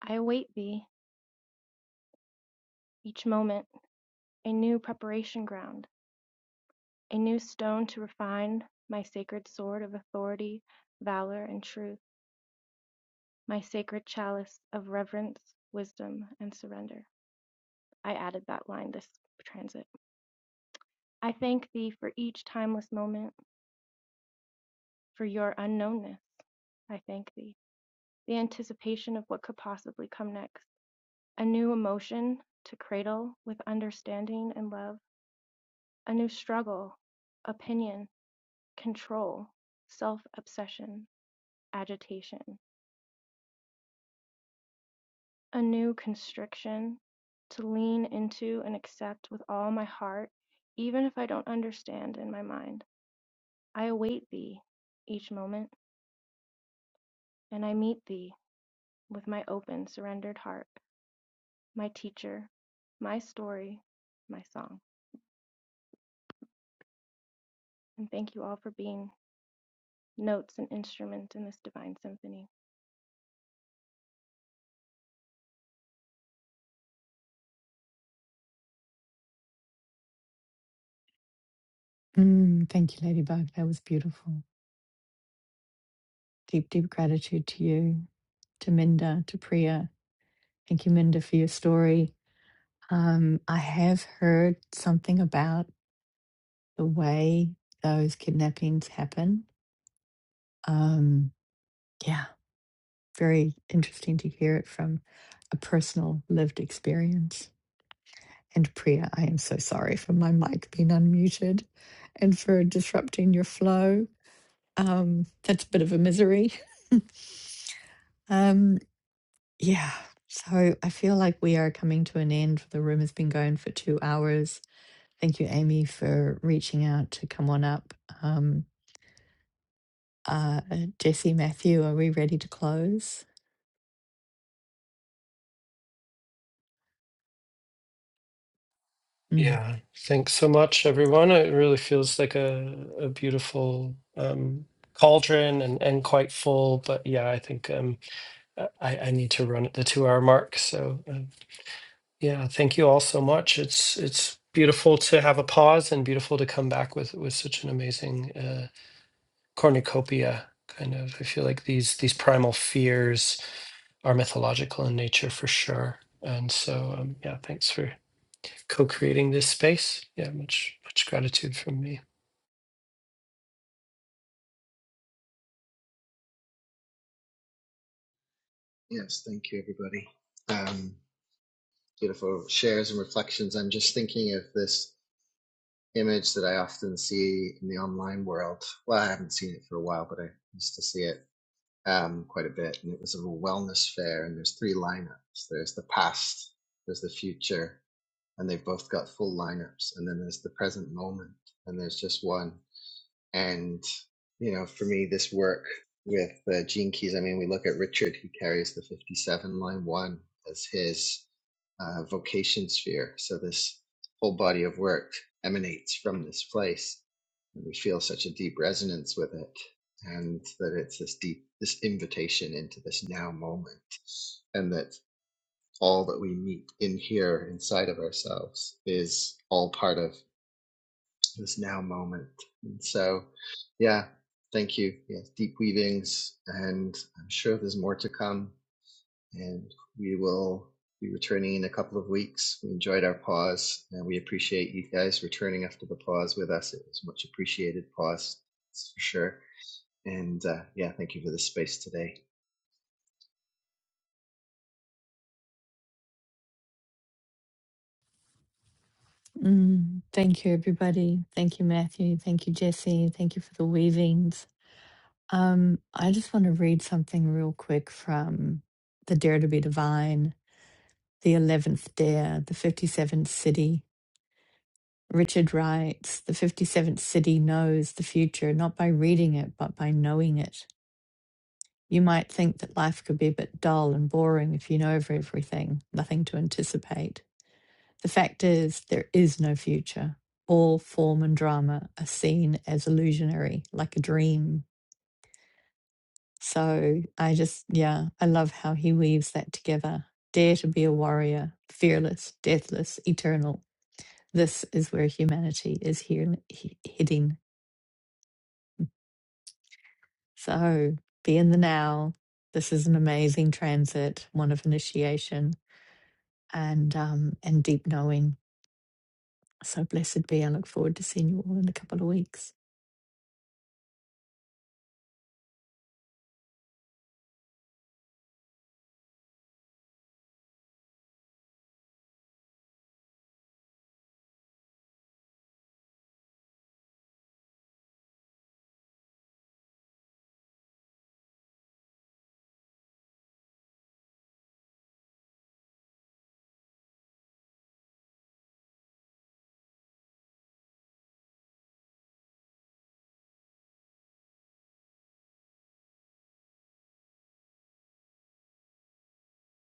S6: I await thee each moment, a new preparation ground, a new stone to refine my sacred sword of authority, valor, and truth. My sacred chalice of reverence, wisdom, and surrender. I added that line this transit. I thank thee for each timeless moment, for your unknownness. I thank thee. The anticipation of what could possibly come next. A new emotion to cradle with understanding and love. A new struggle, opinion, control, self obsession, agitation. a new constriction, to lean into and accept with all my heart, even if I don't understand in my mind. I await thee each moment, and I meet thee with my open, surrendered heart, my teacher, my story, my song. And thank you all for being notes and instrument in this divine symphony.
S2: Mm, thank you, Ladybug. That was beautiful. Deep, deep gratitude to you, to Minda, to Priya. Thank you, Minda, for your story. Um, I have heard something about the way those kidnappings happen. Um, yeah, very interesting to hear it from a personal lived experience. And Priya, I am so sorry for my mic being unmuted and for disrupting your flow. Um, that's a bit of a misery. um, yeah, so I feel like we are coming to an end. The room has been going for two hours. Thank you, Amy, for reaching out to come on up. Um, Uh, Jesse, Matthew, are we ready to close? Mm.
S1: Yeah, thanks so much, everyone. It really feels like a a beautiful um, cauldron and and quite full. But yeah, I think um, I I need to run at the two hour mark. So um, yeah, thank you all so much. It's it's beautiful to have a pause and beautiful to come back with with such an amazing. uh, cornucopia kind of i feel like these these primal fears are mythological in nature for sure and so um, yeah thanks for co-creating this space yeah much much gratitude from me
S3: Yes, thank you, everybody. Um, beautiful shares and reflections. I'm just thinking of this image that I often see in the online world. Well, I haven't seen it for a while, but I used to see it um, quite a bit. And it was a wellness fair, and there's three lineups there's the past, there's the future, and they've both got full lineups. And then there's the present moment, and there's just one. And, you know, for me, this work with uh, Gene Keys, I mean, we look at Richard, who carries the 57 line one as his uh, vocation sphere. So this whole body of work emanates from this place. And we feel such a deep resonance with it. And that it's this deep, this invitation into this now moment. And that all that we meet in here inside of ourselves is all part of this now moment. And so, yeah, thank you. Yes, deep weavings, and I'm sure there's more to come. And we will be returning in a couple of weeks. We enjoyed our pause, and we appreciate you guys returning after the pause with us. It was much appreciated pause, that's for sure. And uh, yeah, thank you for the space today.
S2: Mm. Thank you, everybody. Thank you, Matthew. Thank you, Jesse. Thank you for the weavings. Um, I just want to read something real quick from The Dare to be Divine, the 11th Dare, the 57th City. Richard writes The 57th City knows the future not by reading it, but by knowing it. You might think that life could be a bit dull and boring if you know of everything, nothing to anticipate. The fact is, there is no future. All form and drama are seen as illusionary, like a dream. So I just, yeah, I love how he weaves that together. Dare to be a warrior, fearless, deathless, eternal. This is where humanity is here, he, heading. So be in the now. This is an amazing transit, one of initiation and um, and deep knowing. So blessed be. I look forward to seeing you all in a couple of weeks.